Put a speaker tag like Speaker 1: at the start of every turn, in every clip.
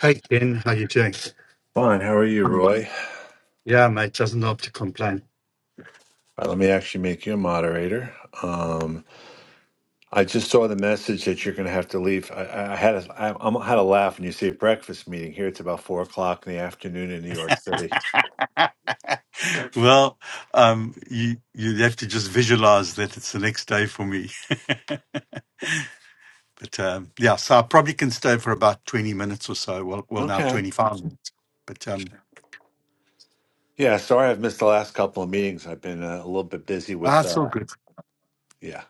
Speaker 1: Hi, Ken, how you doing?
Speaker 2: Fine. How are you, Roy?
Speaker 1: Yeah, mate, doesn't help to complain.
Speaker 2: All right, let me actually make you a moderator. Um, I just saw the message that you're going to have to leave. I, I I had a, I, I'm- had a laugh when you say breakfast meeting. Here it's about four o'clock in the afternoon in New York City.
Speaker 1: Well, um, you you have to just visualize that it's the next day for me. But um, yeah, so I probably can stay for about twenty minutes or so. Well, well, now
Speaker 2: Okay.
Speaker 1: twenty five minutes. But um,
Speaker 2: Yeah. Sorry, I've missed the last couple of meetings. I've been uh, a little bit busy
Speaker 1: ah,
Speaker 2: with.
Speaker 1: it's all
Speaker 2: Uh,
Speaker 1: good.
Speaker 2: yeah.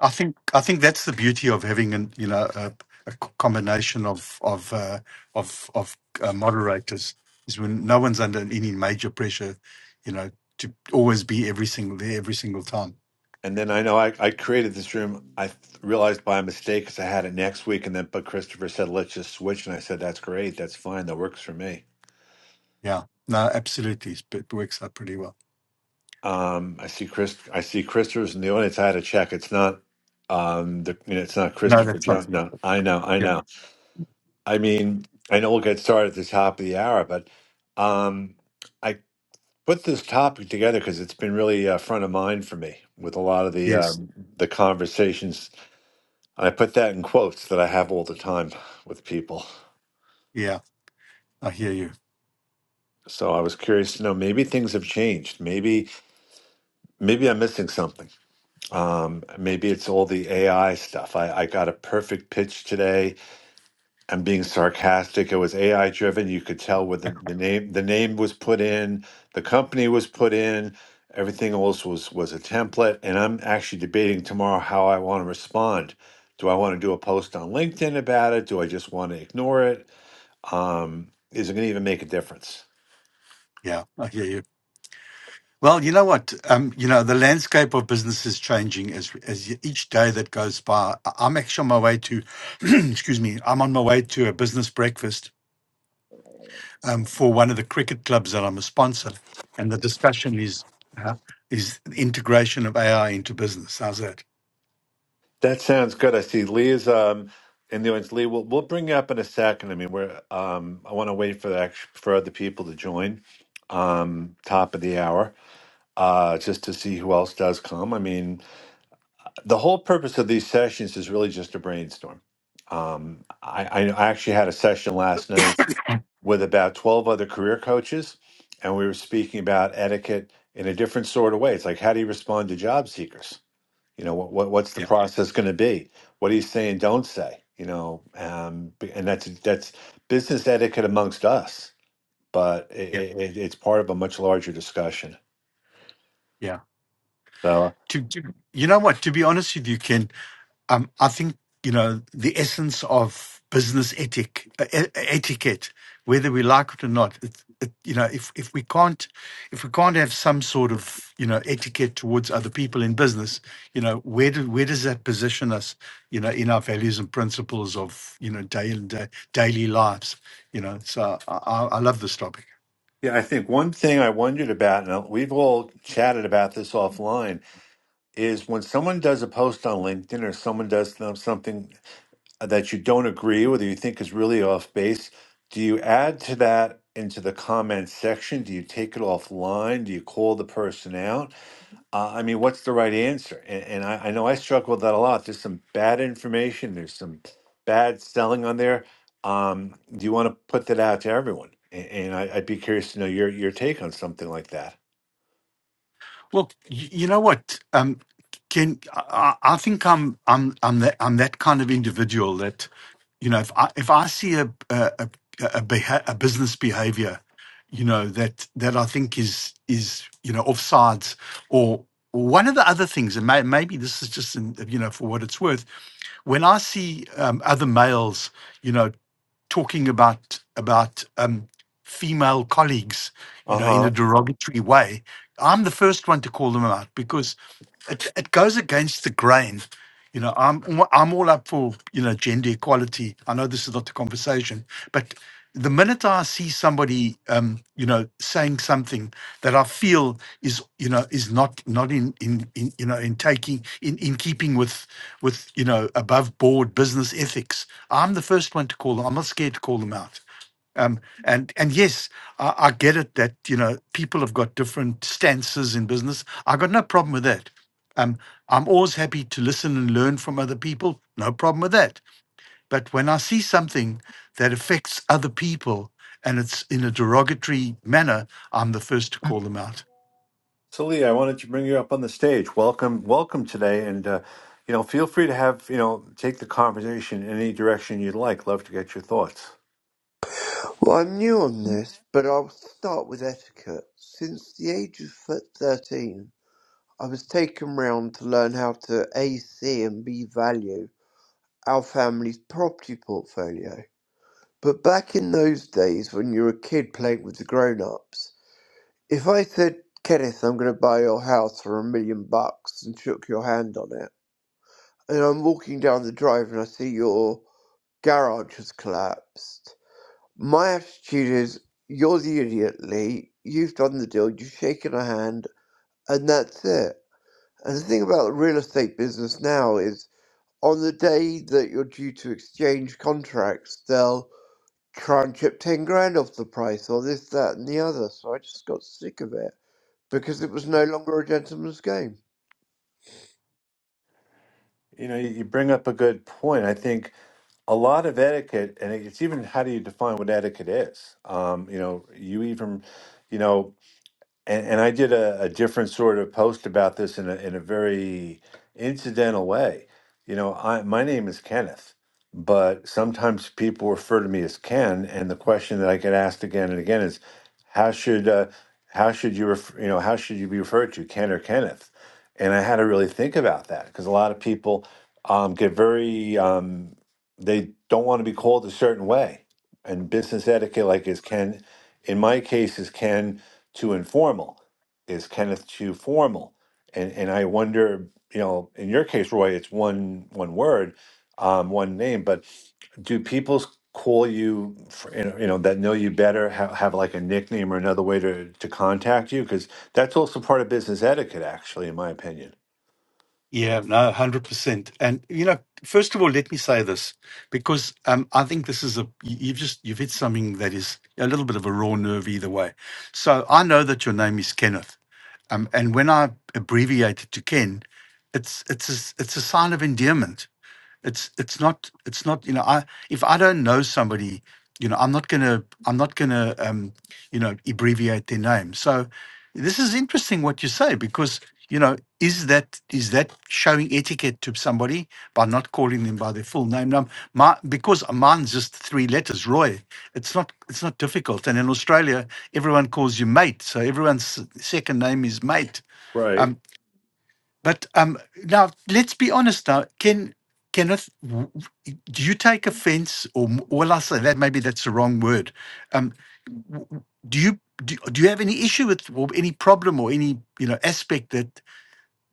Speaker 1: I think I think that's the beauty of having an you know a, a c- combination of of uh, of of uh, moderators is when no one's under any major pressure, you know, to always be every single there every single time.
Speaker 2: And then I know I, I created this room. I th- realized by mistake because I had it next week, and then but Christopher said let's just switch, and I said that's great, that's fine, that works for me.
Speaker 1: Yeah, no, absolutely, it works out pretty well.
Speaker 2: Um, I see Chris. I see Christopher's in the audience. I had to check. It's not. Um, the, you know, it's not
Speaker 1: No,
Speaker 2: Christopher
Speaker 1: that's not.
Speaker 2: John. No, I know. I
Speaker 1: Yeah.
Speaker 2: know. I mean, I know we'll get started at the top of the hour, but um, I put this topic together because it's been really uh, front of mind for me with a lot of the
Speaker 1: Yes.
Speaker 2: um, the conversations. And I put that in quotes that I have all the time with people.
Speaker 1: Yeah. I hear you.
Speaker 2: So I was curious to know. Maybe things have changed. Maybe maybe I'm missing something. Um, maybe it's all the AI stuff. I, I got a perfect pitch today. I'm being sarcastic. It was AI driven. You could tell where the, the name the name was put in, the company was put in, everything else was was a template. And I'm actually debating tomorrow how I want to respond. Do I want to do a post on LinkedIn about it? Do I just want to ignore it? Um, is it going to even make a difference?
Speaker 1: Yeah. I hear you. Well, you know what? Um, you know, the landscape of business is changing as as y- each day that goes by. I- I'm actually on my way to, excuse me, I'm on my way to a business breakfast um, for one of the cricket clubs that I'm a sponsor, and the discussion is uh, is the integration of AI into business. How's that?
Speaker 2: That sounds good. I see Leah's um in the audience. Lee, we'll we'll bring you up in a second. I mean, we're um I want to wait for the act- for other people to join um top of the hour uh just to see who else does come. I mean, the whole purpose of these sessions is really just a brainstorm. Um I I I actually had a session last night with about 12 other career coaches and we were speaking about etiquette in a different sort of way. It's like how do you respond to job seekers? You know, what, what what's the
Speaker 1: Yeah,
Speaker 2: process going to be? What are you saying? Don't say. You know, um, b- and that's that's business etiquette amongst us, but
Speaker 1: yeah,
Speaker 2: it, it, it's part of a much larger discussion.
Speaker 1: yeah.
Speaker 2: So
Speaker 1: To, to you know what? To be honest with you, Ken, um, I think you know the essence of business ethic uh, e- etiquette, whether we like it or not. It, it, you know, if if we can't if we can't have some sort of you know etiquette towards other people in business, you know, where do, where does that position us? You know, in our values and principles of you know daily daily lives. You know, so I, I I love this topic.
Speaker 2: Yeah, I think one thing I wondered about, and we've all chatted about this offline, is when someone does a post on LinkedIn or someone does some- something that you don't agree with or you think is really off base, do you add to that into the comments section? Do you take it offline? Do you call the person out? Uh, I mean, what's the right answer? And, and I, I know I struggle with that a lot. There's some bad information. There's some bad selling on there. Um, do you want to put that out to everyone? And, and I, I'd be curious to know your your take on something like that.
Speaker 1: Well, y- you know what? Um, can I, I I think I'm I'm I'm that I'm that kind of individual that, you know, if I if I see a a a, a, beha- a business behavior, you know that that I think is is you know offsides or one of the other things, and may, maybe this is just in, you know for what it's worth, when I see um, other males, you know talking about about um, female colleagues, you
Speaker 2: Uh
Speaker 1: know, in a
Speaker 2: huh.
Speaker 1: derogatory way. I'm the first one to call them out because it, it goes against the grain. You know, I'm all- I'm all up for you know gender equality. I know this is not the conversation, but the minute I see somebody, um, you know, saying something that I feel is you know is not not in in, in you know in taking in in keeping with with you know above board business ethics. I'm the first one to call them. I'm not scared to call them out. Um, and and yes, I, I get it that you know people have got different stances in business. I got no problem with that. Um, I'm always happy to listen and learn from other people. No problem with that. But when I see something that affects other people and it's in a derogatory manner, I'm the first to call them out.
Speaker 2: So Lee, I wanted to bring you up on the stage. Welcome, welcome today, and uh, you know, feel free to have you know take the conversation in any direction you'd like. Love to get your thoughts.
Speaker 3: Well, I'm new on this, but I'll start with etiquette. Since the age of th- 13, I was taken round to learn how to A, C, and B value our family's property portfolio. But back in those days when you were a kid playing with the grown ups, if I said, Kenneth, I'm going to buy your house for a million bucks and shook your hand on it, and I'm walking down the drive and I see your garage has collapsed. My attitude is, you're the idiot, Lee. You've done the deal. You've shaken a hand, and that's it. And the thing about the real estate business now is, on the day that you're due to exchange contracts, they'll try and chip ten grand off the price, or this, that, and the other. So I just got sick of it because it was no longer a gentleman's game.
Speaker 2: You know, you, you bring up a good point. I think a lot of etiquette, and it's even how do you define what etiquette is? Um, you know, you even, you know, and, and I did a, a different sort of post about this in a, in a very incidental way. You know, I, my name is Kenneth, but sometimes people refer to me as Ken. And the question that I get asked again and again is, how should uh, how should you ref- you know how should you be referred to, Ken or Kenneth? And I had to really think about that because a lot of people um, get very um, they don't want to be called a certain way. And business etiquette, like is Ken, in my case, is Ken too informal? Is Kenneth too formal? And and I wonder, you know, in your case, Roy, it's one one word, um, one name, but do people s- call you, for, you know, you know, that know you better have, have like a nickname or another way to to contact you? Because that's also part of business etiquette, actually, in my opinion.
Speaker 1: Yeah, no, 100%. And, you know, first of all, let me say this because um, I think this is a, you- you've just, you've hit something that is a little bit of a raw nerve either way. So I know that your name is Kenneth. Um, and when I abbreviate it to Ken, it's, it's, a, it's a sign of endearment it's it's not it's not you know i if i don't know somebody you know i'm not gonna i'm not gonna um you know abbreviate their name so this is interesting what you say because you know is that is that showing etiquette to somebody by not calling them by their full name now my because mine's just three letters roy it's not it's not difficult and in australia everyone calls you mate so everyone's second name is mate
Speaker 2: Right.
Speaker 1: Um, but um, now let's be honest. Now, can Kenneth, w- w- do you take offence, or m- well, I say that maybe that's the wrong word. Um, w- w- do you do, do you have any issue with or any problem or any you know aspect that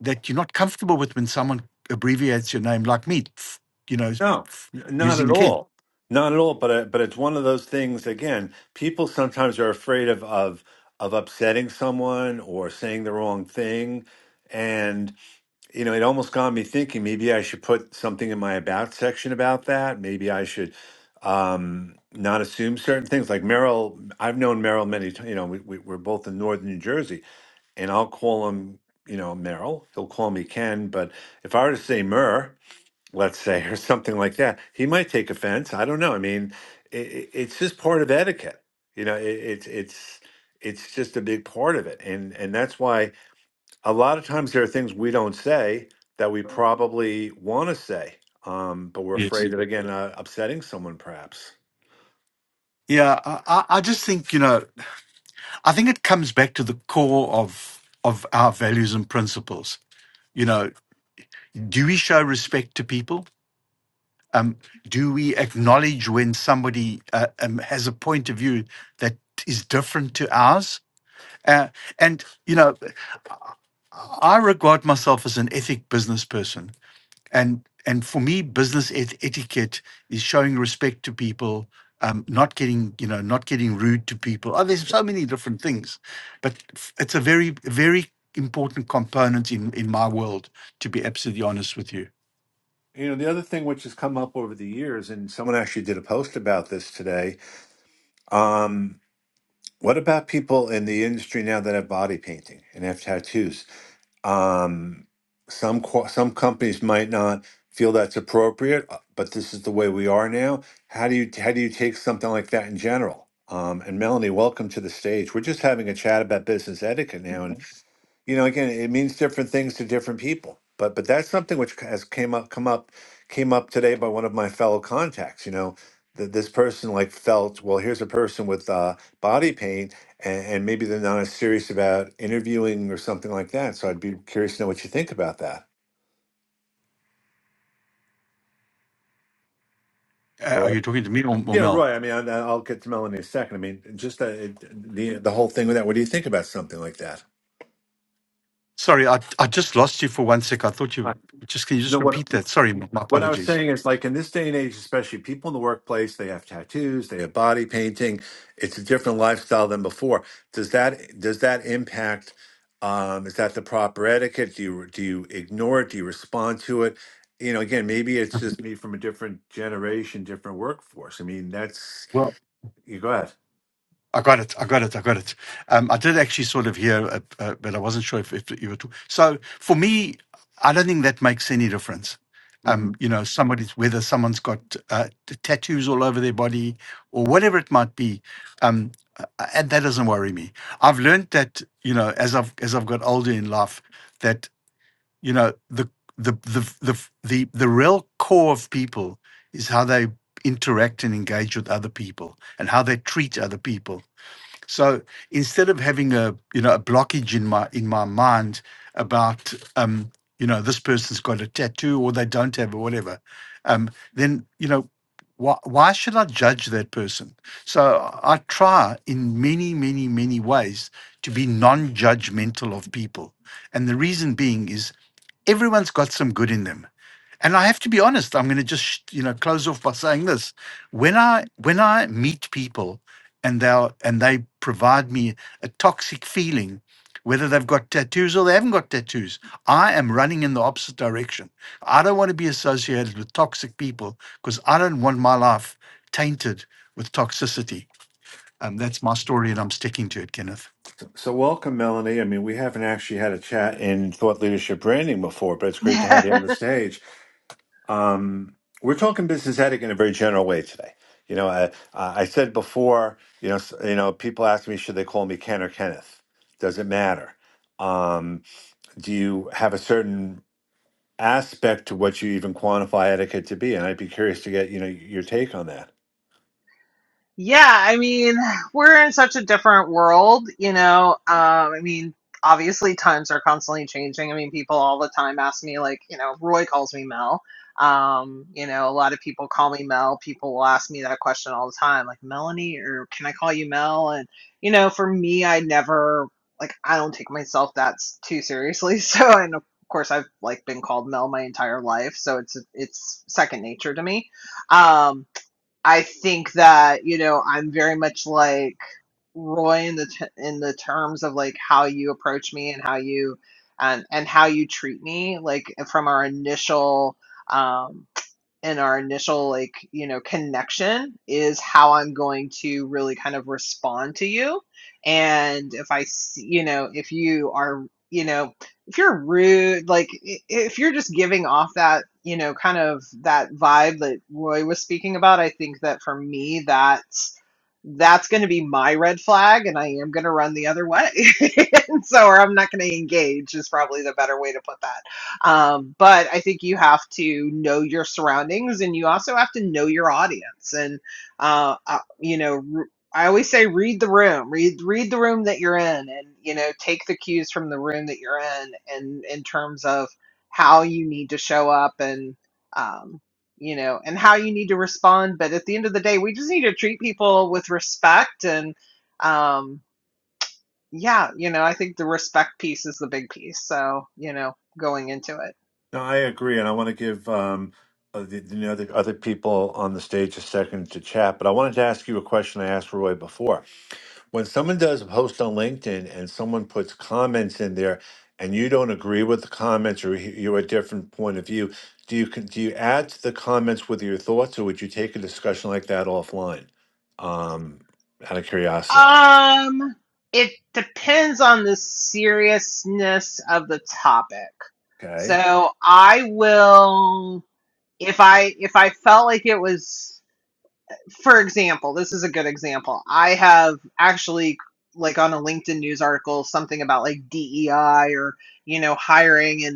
Speaker 1: that you're not comfortable with when someone abbreviates your name like me? f- You know,
Speaker 2: No,
Speaker 1: f-
Speaker 2: n- not at
Speaker 1: using Ken.
Speaker 2: all. Not at all. But uh, but it's one of those things. Again, people sometimes are afraid of of of upsetting someone or saying the wrong thing, and you know, it almost got me thinking. Maybe I should put something in my about section about that. Maybe I should um not assume certain things like merrill i've known merrill many times you know we, we, we're both in northern new jersey and i'll call him you know merrill he'll call me ken but if i were to say mer let's say, or something like that. He might take offense. I don't know. I mean, it, it's just part of etiquette. You know, it, it's it's it's just a big part of it, and and that's why a lot of times there are things we don't say that we probably want to say, um, but we're
Speaker 1: Yes.
Speaker 2: afraid of again uh, upsetting someone, perhaps.
Speaker 1: Yeah, I, I I just think you know, I think it comes back to the core of of our values and principles. You know, do we show respect to people? Um, do we acknowledge when somebody uh, um, has a point of view that is different to ours? Uh, and you know, I regard myself as an ethic business person, and and for me, business et- etiquette is showing respect to people, um, not getting you know, not getting rude to people. Oh, there's so many different things, but f- it's a very very important component in in my world. To be absolutely honest with you.
Speaker 2: You know, the other thing which has come up over the years, and someone actually did a post about this today. Um, what about people in the industry now that have body painting and have tattoos? Um, some qu- some companies might not feel that's appropriate, uh, but this is the way we are now. How do you how do you take something like that in general? Um, and Melanie, welcome to the stage. We're just having a chat about business etiquette now, and you know again it means different things to different people but but that's something which has came up come up came up today by one of my fellow contacts you know that this person like felt well here's a person with uh, body pain and, and maybe they're not as serious about interviewing or something like that so i'd be curious to know what you think about that
Speaker 1: Uh, are
Speaker 2: Roy.
Speaker 1: you talking to me or, or
Speaker 2: Yeah,
Speaker 1: Mel?
Speaker 2: Roy. I mean, I, I'll get to Melanie in a second. I mean, just uh, it, the the whole thing with that. What do you think about something like that?
Speaker 1: Sorry, I I just lost you for one sec. I thought
Speaker 2: Uh,
Speaker 1: you just can you
Speaker 2: No
Speaker 1: just
Speaker 2: what
Speaker 1: repeat that? Sorry, my
Speaker 2: What I was
Speaker 1: apologies.
Speaker 2: saying is like in this day and age, especially people in the workplace, they have tattoos, they have body painting. It's a different lifestyle than before. Does that does that impact um, is that the proper etiquette? Do you do you ignore it? Do you respond to it? You know, again, maybe it's just me from a different generation, different workforce. I mean, that's
Speaker 1: Well,
Speaker 2: you go ahead.
Speaker 1: I got it. I got it. I got it. Um, I did actually sort of hear, uh, uh, but I wasn't sure if, if you were. Talk- so for me, I don't think that makes any difference. Um,
Speaker 2: hmm
Speaker 1: you know, somebody's whether someone's got uh, t- tattoos all over their body or whatever it might be, um, uh, and that doesn't worry me. I've learned that you know as I've as I've got older in life that. you know the the the the the, the real core of people is how they interact and engage with other people and how they treat other people so instead of having a you know a blockage in my in my mind about um you know this person's got a tattoo or they don't have or whatever um then you know why, why should I judge that person? So I try in many, many, many ways to be non judgmental of people. And the reason being is everyone's got some good in them. And I have to be honest, I'm going to just, you know, close off by saying this. When I when I meet people and they and they provide me a toxic feeling whether they've got tattoos or they haven't got tattoos, I am running in the opposite direction. I don't want to be associated with toxic people because I don't want my life tainted with toxicity. Um, that's my story, and I'm sticking to it, Kenneth.
Speaker 2: So welcome, Melanie. I mean, we haven't actually had a chat in thought leadership branding before, but it's great to have you on the stage. Um, we're talking business ethic in a very general way today. You know, I, I said before, you know, s- you know, people ask me, should they call me Ken or Kenneth? Does it matter? Um, do you have a certain aspect to what you even quantify etiquette to be? And I'd be curious to get, you know, your take on that.
Speaker 4: yeah, I mean, we're in such a different world, you know. Um, I mean, obviously times are constantly changing. I mean, people all the time ask me like, you know, Roy calls me Mel. Um, you know, a lot of people call me Mel. People will ask me that question all the time, like Melanie, or can I call you Mel? And you know, for me, I never like I don't take myself that s- too seriously. So, and of course, I've like been called Mel my entire life, so it's it's second nature to me. Um, I think that you know I'm very much like Roy in the t- in the terms of like how you approach me and how you um, and how you treat me like from our initial um, and our initial like you know connection is how i'm going to really kind of respond to you and if i s- you know if you are you know if you're rude like i- if you're just giving off that you know kind of that vibe that roy was speaking about i think that for me that's that's going to be my red flag and i am going to run the other way and so or i'm not going to engage is probably the better way to put that um, but I think you have to know your surroundings and you also have to know your audience. And, uh, uh, you know, r- I always say read the room, read, read the room that you're in and, you know, take the cues from the room that you're in and in terms of how you need to show up and, um, you know, and how you need to respond. But at the end of the day, we just need to treat people with respect and, um, yeah, you know, I think the respect piece is the big piece. So, you know, going into it.
Speaker 2: No, I agree, and I want to give um, uh, the, the other other people on the stage a second to chat. But I wanted to ask you a question I asked Roy before when someone does a post on LinkedIn and someone puts comments in there and you don't agree with the comments or you- you're a different point of view, do you con- do you add to the comments with your thoughts or would you take a discussion like that offline? Um, out of curiosity.
Speaker 4: Um, it depends on the seriousness of the topic.
Speaker 2: Okay.
Speaker 4: So I will, if I if I felt like it was, for example, this is a good example. I have actually like on a LinkedIn news article something about like DEI or you know hiring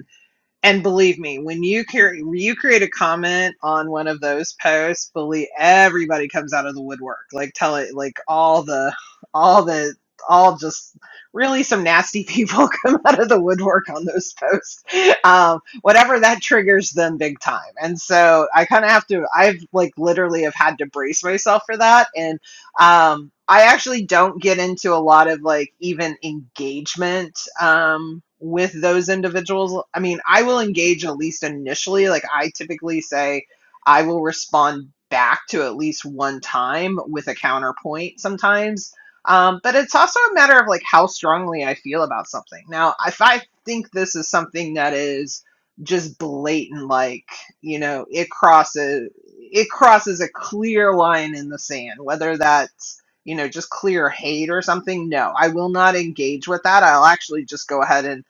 Speaker 4: and believe me, when you carry, you create a comment on one of those posts, believe everybody comes out of the woodwork. Like tell it, like all the, all the, all just really some nasty people come out of the woodwork on those posts. Um, whatever that triggers them big time. And so I kind of have to, I've like literally have had to brace myself for that. and. Um, I actually don't get into a lot of like even engagement um, with those individuals. I mean, I will engage at least initially. Like, I typically say I will respond back to at least one time with a counterpoint sometimes. Um, but it's also a matter of like how strongly I feel about something. Now, if I think this is something that is just blatant, like, you know, it crosses it crosses a clear line in the sand, whether that's, you know, just clear hate or something. No, I will not engage with that. I'll actually just go ahead and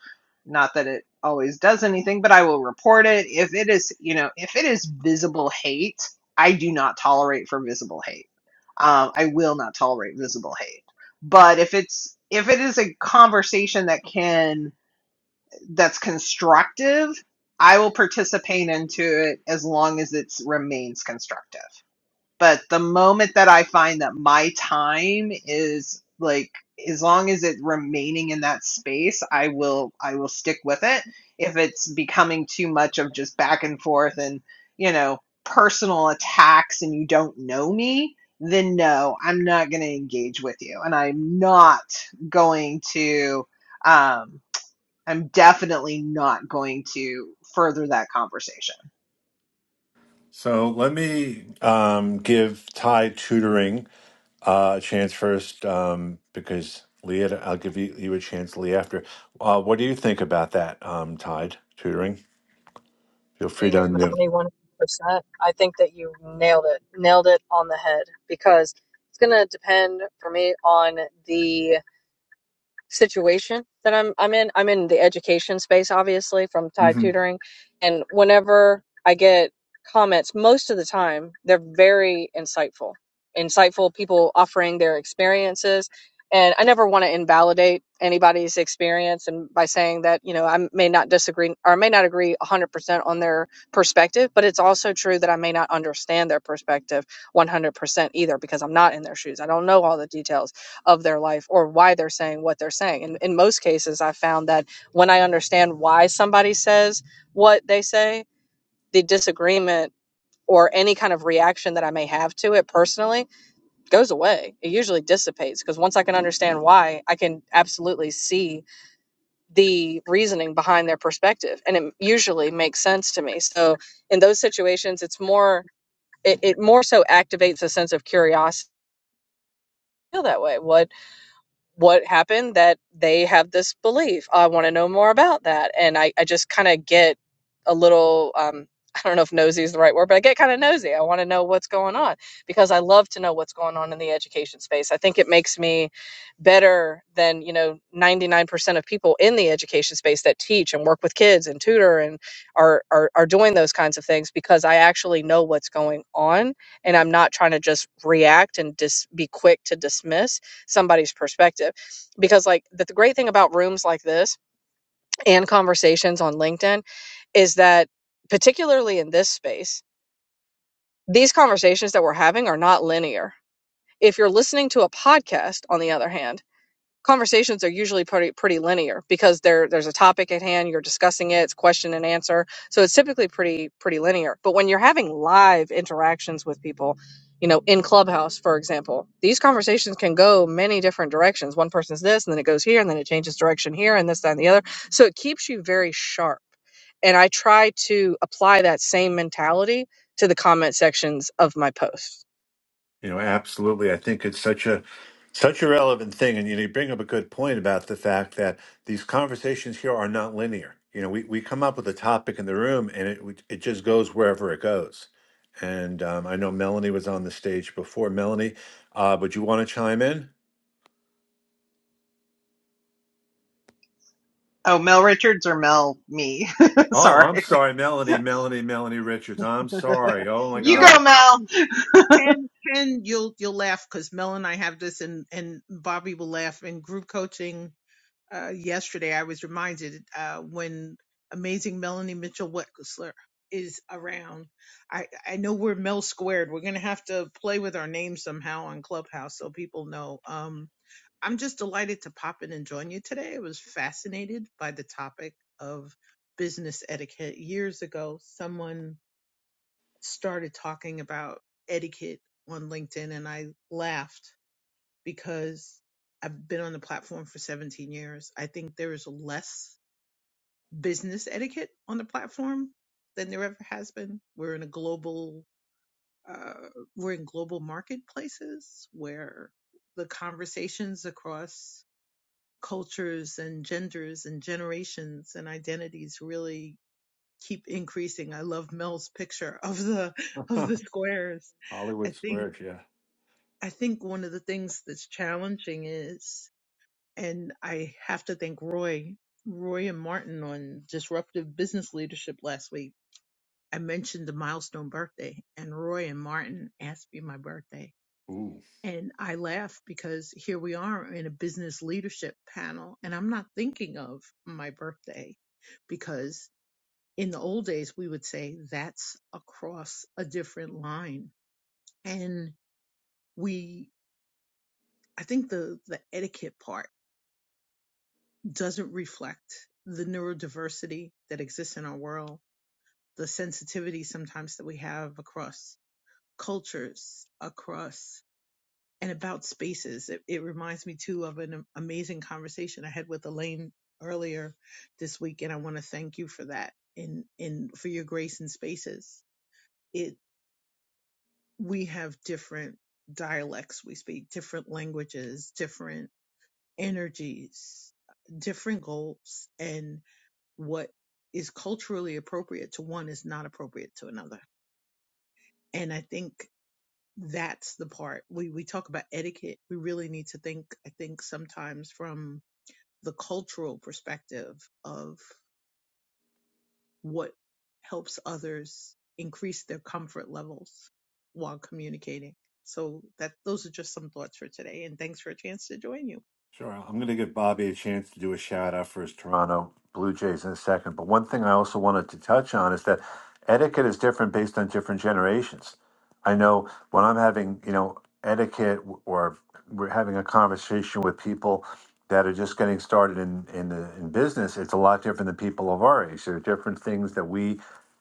Speaker 4: not that it always does anything, but I will report it. If it is, you know, if it is visible hate, I do not tolerate for visible hate. Um, I will not tolerate visible hate. But if it's, if it is a conversation that can that's constructive, I will participate into it as long as it remains constructive. But the moment that I find that my time is like as long as it remaining in that space, I will I will stick with it. If it's becoming too much of just back and forth and, you know, personal attacks and you don't know me, then no, I'm not going to engage with you and I'm not going to um I'm definitely not going to further that conversation.
Speaker 2: So let me um, give Ty tutoring uh, a chance first um, because Leah, I'll give you, you a chance, Lee, after. Uh, what do you think about that, um, Tide tutoring? Feel free
Speaker 5: agree
Speaker 2: to
Speaker 5: with
Speaker 2: unmute.
Speaker 5: Melanie 100%. I think that you nailed it, nailed it on the head because it's going to depend for me on the situation that I'm I'm in. I'm in the education space, obviously, from Tide
Speaker 2: hmm
Speaker 5: Tutoring, and whenever I get comments, most of the time they're very insightful, insightful people offering their experiences, and I never want to invalidate anybody's experience and by saying that you know I may not disagree or I may not agree 100% on their perspective, but it's also true that I may not understand their perspective 100% either because I'm not in their shoes. I don't know all the details of their life or why they're saying what they're saying. And in most cases, I found that when I understand why somebody says what they say, the disagreement or any kind of reaction that I may have to it personally goes away. It usually dissipates because once I can understand why, I can absolutely see the reasoning behind their perspective. And it usually makes sense to me. So in those situations, it's more, it, it more so activates a sense of curiosity. I Feel that way. What what happened that they have this belief. I want to know more about that. And I, I just kind of get a little, um, I don't know if nosy is the right word, but I get kind of nosy. I want to know what's going on because I love to know what's going on in the education space. I think it makes me better than, you know, 99% of people in the education space that teach and work with kids and tutor and are, are, are doing those kinds of things because I actually know what's going on and I'm not trying to just react and just dis- be quick to dismiss somebody's perspective because like the, the great thing about rooms like this and conversations on linkedin is that particularly in this space these conversations that we're having are not linear if you're listening to a podcast on the other hand conversations are usually pretty pretty linear because there there's a topic at hand you're discussing it it's question and answer so it's typically pretty pretty linear but when you're having live interactions with people you know in clubhouse for example these conversations can go many different directions one person's this and then it goes here and then it changes direction here and this that and the other so it keeps you very sharp and i try to apply that same mentality to the comment sections of my posts
Speaker 2: You know, absolutely. I think it's such a such a relevant thing, and you, know, you bring up a good point about the fact that these conversations here are not linear. You know, we, we come up with a topic in the room, and it it just goes wherever it goes. And um, I know Melanie was on the stage before. Melanie, uh, would you want to chime in?
Speaker 4: Oh, Mel Richards or Mel me?
Speaker 2: Oh, I'm
Speaker 4: Sorry.
Speaker 2: sorry, Melanie, Melanie, Melanie Richards. I'm sorry. Oh my
Speaker 4: You
Speaker 6: No,
Speaker 4: go,
Speaker 2: God,
Speaker 4: Mel.
Speaker 6: Ken, Ken, you'll you'll laugh because Mel and I have this, and and Bobby will laugh. In group coaching uh, yesterday, I was reminded uh, when amazing Melanie Mitchell Wexler is around. I I know we're Mel squared. We're gonna have to play with our names somehow on Clubhouse so people know. Um, I'm just delighted to pop in and join you today. I was fascinated by the topic of business etiquette years ago. Someone started talking about etiquette on LinkedIn and I laughed because I've been on the platform for 17 years. I think there is less business etiquette on the platform than there ever has been. We're in a global, uh, we're in global marketplaces where the conversations across cultures and genders and generations and identities really keep increasing. I love Mel's picture of the of the squares. I
Speaker 2: Hollywood
Speaker 6: think
Speaker 2: Squares. Yeah.
Speaker 6: I think one of the things that's challenging is, and I have to thank Roy, Roy and Martin on disruptive business leadership last week. I mentioned the milestone birthday, and Roy and Martin asked me my birthday.
Speaker 2: Ooh.
Speaker 6: And I laugh because here we are in a business leadership panel, and I'm not thinking of my birthday because in the old days we would say that's across a different line and we i think the the etiquette part doesn't reflect the neurodiversity that exists in our world the sensitivity sometimes that we have across cultures across and about spaces it, it reminds me too of an amazing conversation i had with elaine earlier this week and i want to thank you for that in in for your grace in spaces It. we have different dialects we speak, different languages, different energies, different goals, and what is culturally appropriate to one is not appropriate to another. And I think that's the part we, we talk about etiquette. We really need to think, I think sometimes from the cultural perspective of what helps others increase their comfort levels while communicating. So that those are just some thoughts for today and thanks for a chance to join you.
Speaker 2: Sure. I'm going to give Bobby a chance to do a shout out for his Toronto Blue Jays in a second. But one thing I also wanted to touch on is that etiquette is different based on different generations. I know when I'm having, you know, etiquette w- or we're having a conversation with people that are just getting started in, in the in business, it's a lot different than people of our age. There are different things that we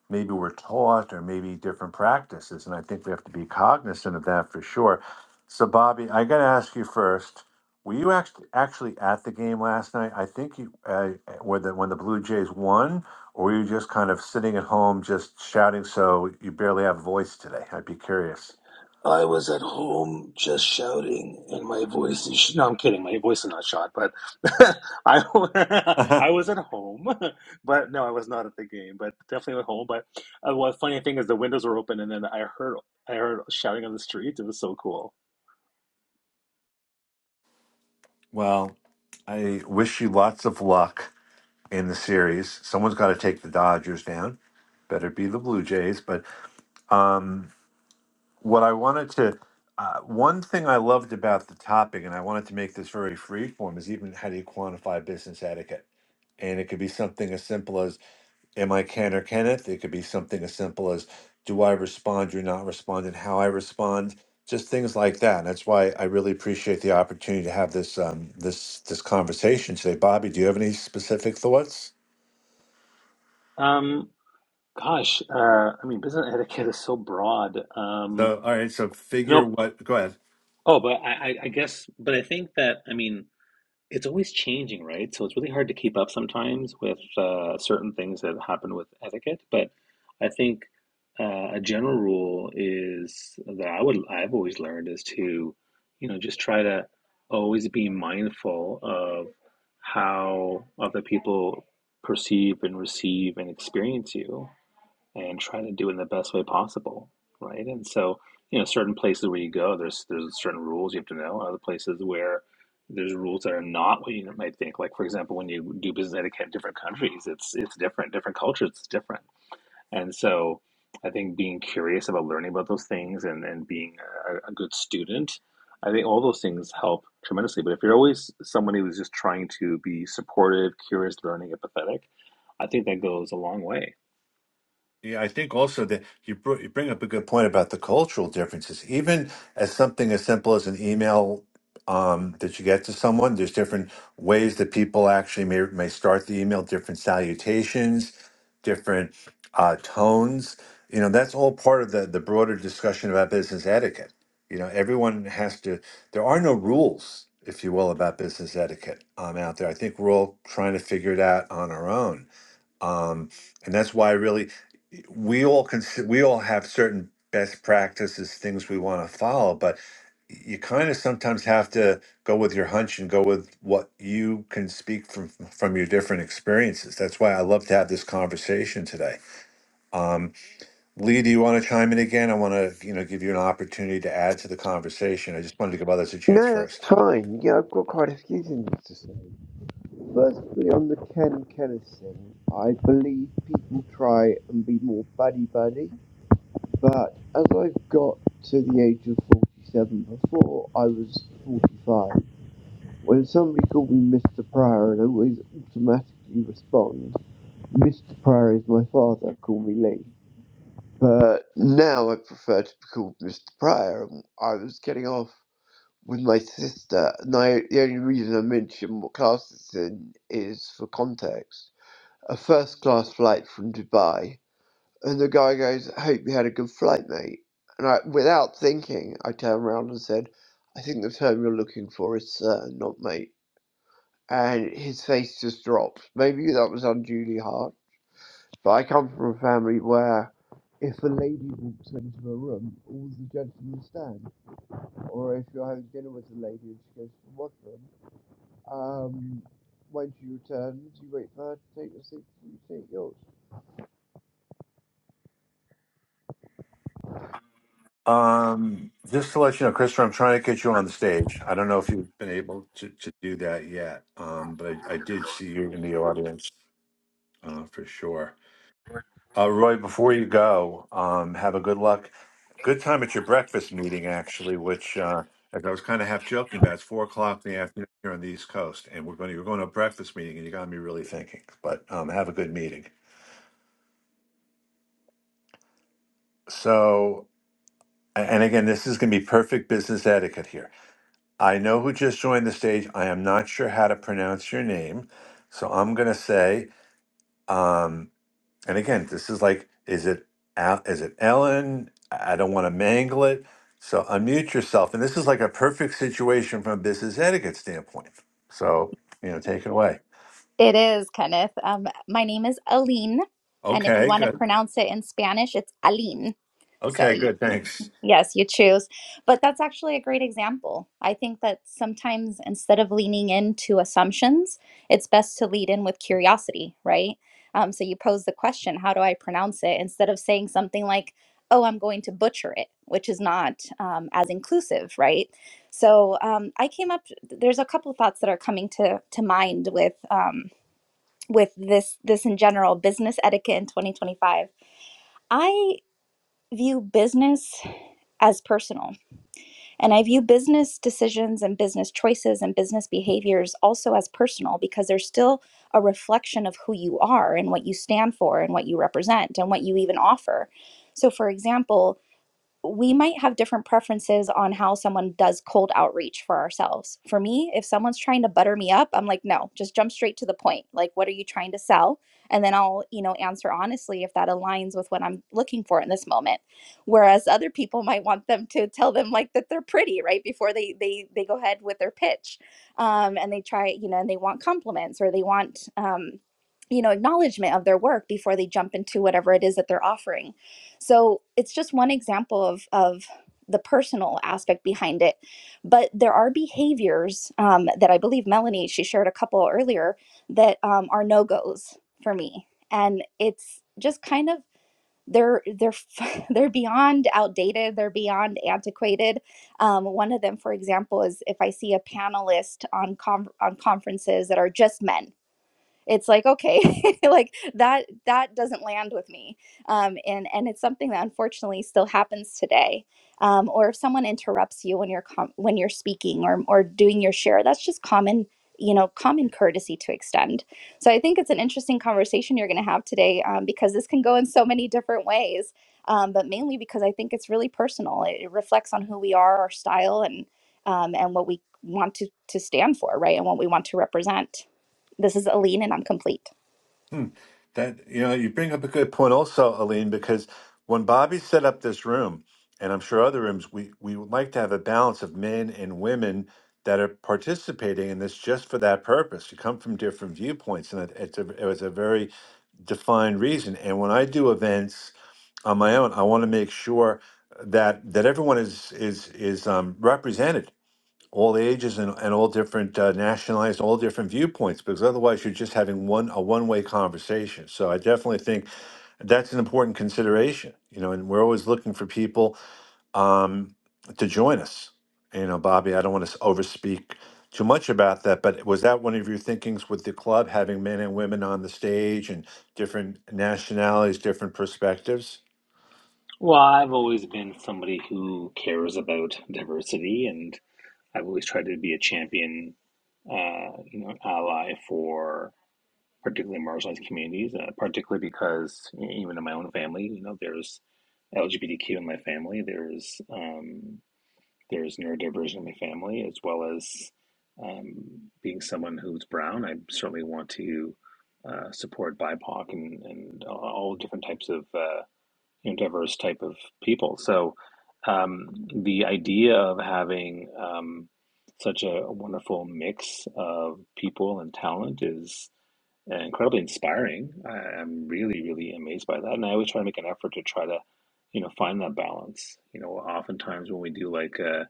Speaker 2: maybe were taught or maybe different practices. And I think we have to be cognizant of that for sure. So Bobby, I gotta ask you first were you actually actually at the game last night? I think you uh, when the when the Blue Jays won, or were you just kind of sitting at home just shouting so you barely have a voice today? I'd be curious.
Speaker 7: I was at home just shouting, and my voice is. Sh- no, I'm kidding. My voice is not shot, but I I was at home, but no, I was not at the game, but definitely at home. But uh, well, funny thing is, the windows were open, and then I heard I heard shouting on the street. It was so cool.
Speaker 2: Well, I wish you lots of luck in the series. Someone's got to take the Dodgers down. Better be the Blue Jays. But um, what I wanted to, uh, one thing I loved about the topic, and I wanted to make this very free form, is even how do you quantify business etiquette? And it could be something as simple as am I can or Kenneth? It could be something as simple as do I respond, do not respond, and how I respond. Just things like that. And that's why I really appreciate the opportunity to have this um, this this conversation today. Bobby, do you have any specific thoughts?
Speaker 7: Um, gosh, uh, I mean, business etiquette is so broad. Um,
Speaker 2: So, all right. So, figure
Speaker 7: no,
Speaker 2: what. Go ahead.
Speaker 7: oh, but I, I I guess, but I think that I mean. It's always changing, right? So it's really hard to keep up sometimes with uh, certain things that happen with etiquette. But I think uh, a general rule is that I would I've always learned is to, you know, just try to always be mindful of how other people perceive and receive and experience you and try to do it in the best way possible, right? And so, you know, certain places where you go, there's there's certain rules you have to know. Other places where there's rules that are not what you might think. Like for example, when you do business etiquette in different countries, it's it's different. Different cultures, it's different. And so, I think being curious about learning about those things and and being a, a good student, I think all those things help tremendously. But if you're always somebody who's just trying to be supportive, curious, learning, empathetic, I think that goes a long way
Speaker 2: Yeah, I think also that you br- you bring up a good point about the cultural differences. Even as something as simple as an email um, that you get to someone, there's different ways that people actually may may start the email, different salutations, different uh, tones. You know, that's all part of the the broader discussion about business etiquette. You know, everyone has to. There are no rules, if you will, about business etiquette um, out there. I think we're all trying to figure it out on our own um, and that's why really we all can we all have certain best practices things we want to follow but you kind of sometimes have to go with your hunch and go with what you can speak from from your different experiences that's why i love to have this conversation today um, lee do you want to chime in again i want to you know give you an opportunity to add to the conversation i just wanted to give others a chance
Speaker 3: No,
Speaker 2: first
Speaker 3: that's fine. Yeah, I've got quite a few things to say. Firstly, on the Ken Kennison, I believe people try and be more buddy buddy But as I got to the age of 47, before I was 45, when somebody called me Mr. Pryor, and i always automatically respond, Mr. Pryor is my father, call me Lee. But now I prefer to be called Mr. Pryor. I was getting off with my sister, and I, the only reason I mention what class it's in is for context. A first class flight from Dubai and the guy goes, I hope you had a good flight, mate. And I, without thinking, I turned around and said, I think the term you're looking for is sir, not mate. And his face just dropped. Maybe that was unduly hard. But I come from a family where if a lady walks into a room, all the gentlemen stand. Or if you're having dinner with a lady and she goes to the washroom, um, when she returns, you wait for her to take your seat, you take yours.
Speaker 2: Um, just to let you know, Christopher, I'm trying to get you on the stage. I don't know if you've been able to, to do that yet, um, but I, I did see you in the audience uh, for sure. Uh, Roy, before you go, um, have a good luck, good time at your breakfast meeting, actually, which uh, as I was kind of half joking about, it's four o'clock in the afternoon here on the East Coast, and we're going to, we're going to a breakfast meeting, and you got me really thinking. But um, have a good meeting. So, a- and again, this is going to be perfect business etiquette here. I know who just joined the stage. I am not sure how to pronounce your name. So I'm going to say, um, and again, this is like, is it, Al- is it Ellen? I I don't want to mangle it. So unmute yourself. And this is like a perfect situation from a business etiquette standpoint. So, you know, take it away.
Speaker 8: It is, Kenneth. Um, my name is Aline, and if you
Speaker 2: Okay,
Speaker 8: want to
Speaker 2: good.
Speaker 8: pronounce it in Spanish, it's Aline. So,
Speaker 2: Okay,
Speaker 8: you,
Speaker 2: good. Thanks.
Speaker 8: yes, you choose. But that's actually a great example. I think that sometimes instead of leaning into assumptions, it's best to lead in with curiosity, right? Um, so you pose the question, how do I pronounce it? Instead of saying something like, oh, I'm going to butcher it, which is not um, as inclusive, right? So um, I came up, there's a couple thoughts that are coming to, to mind with. Um, with this this in general business etiquette in 2025 i view business as personal and i view business decisions and business choices and business behaviors also as personal because they're still a reflection of who you are and what you stand for and what you represent and what you even offer so for example we might have different preferences on how someone does cold outreach for ourselves. For me, if someone's trying to butter me up, I'm like, no, just jump straight to the point. Like, what are you trying to sell? And then I'll, you know, answer honestly if that aligns with what I'm looking for in this moment. Whereas other people might want them to tell them like that they're pretty right before they they they go ahead with their pitch, um, and they try, you know, and they want compliments or they want. Um, you know, acknowledgement of their work before they jump into whatever it is that they're offering. So it's just one example of of the personal aspect behind it, but there are behaviors um, that I believe Melanie she shared a couple earlier that um, are no goes for me, and it's just kind of they're they're they're beyond outdated they're beyond antiquated um, one of them for example is if i see a panelist on con on conferences that are just men it's like okay like that that doesn't land with me um, and and it's something that unfortunately still happens today um, or if someone interrupts you when you're com- when you're speaking or or doing your share that's just common you know common courtesy to extend so i think it's an interesting conversation you're going to have today um, because this can go in so many different ways um, but mainly because i think it's really personal it, it reflects on who we are our style and um, and what we want to to stand for right and what we want to represent this is Aline, and I'm complete.
Speaker 2: Hmm. That you know, you bring up a good point also, Aline, because when Bobby set up this room, and I'm sure other rooms, we we would like to have a balance of men and women that are participating in this just for that purpose. You come from different viewpoints, and it, it's a it was a very defined reason. And when I do events on my own, I want to make sure that that everyone is is is um, represented all ages and, and all different uh, nationalized, all different viewpoints, because otherwise you're just having one a one way conversation. So I definitely think that's an important consideration, you know, and we're always looking for people um, to join us. You know, Bobby, I don't want to overspeak too much about that, but was that one of your thinkings with the club, having men and women on the stage and different nationalities, different perspectives?
Speaker 7: Well, I've always been somebody who cares about diversity, and I've always tried to be a champion, uh, you know, ally for particularly marginalized communities, uh, particularly because you know, even in my own family, you know, there's LGBTQ in my family, there's um, there's neurodivergent in my family, as well as um, being someone who's brown. I certainly want to uh, support BIPOC and, and all different types of. uh, you know, diverse type of people. So um, the idea of having um, such a wonderful mix of people and talent is uh, incredibly inspiring. I, I'm really, really amazed by that, and I always try to make an effort to try to, you know, find that balance. You know, oftentimes when we do like a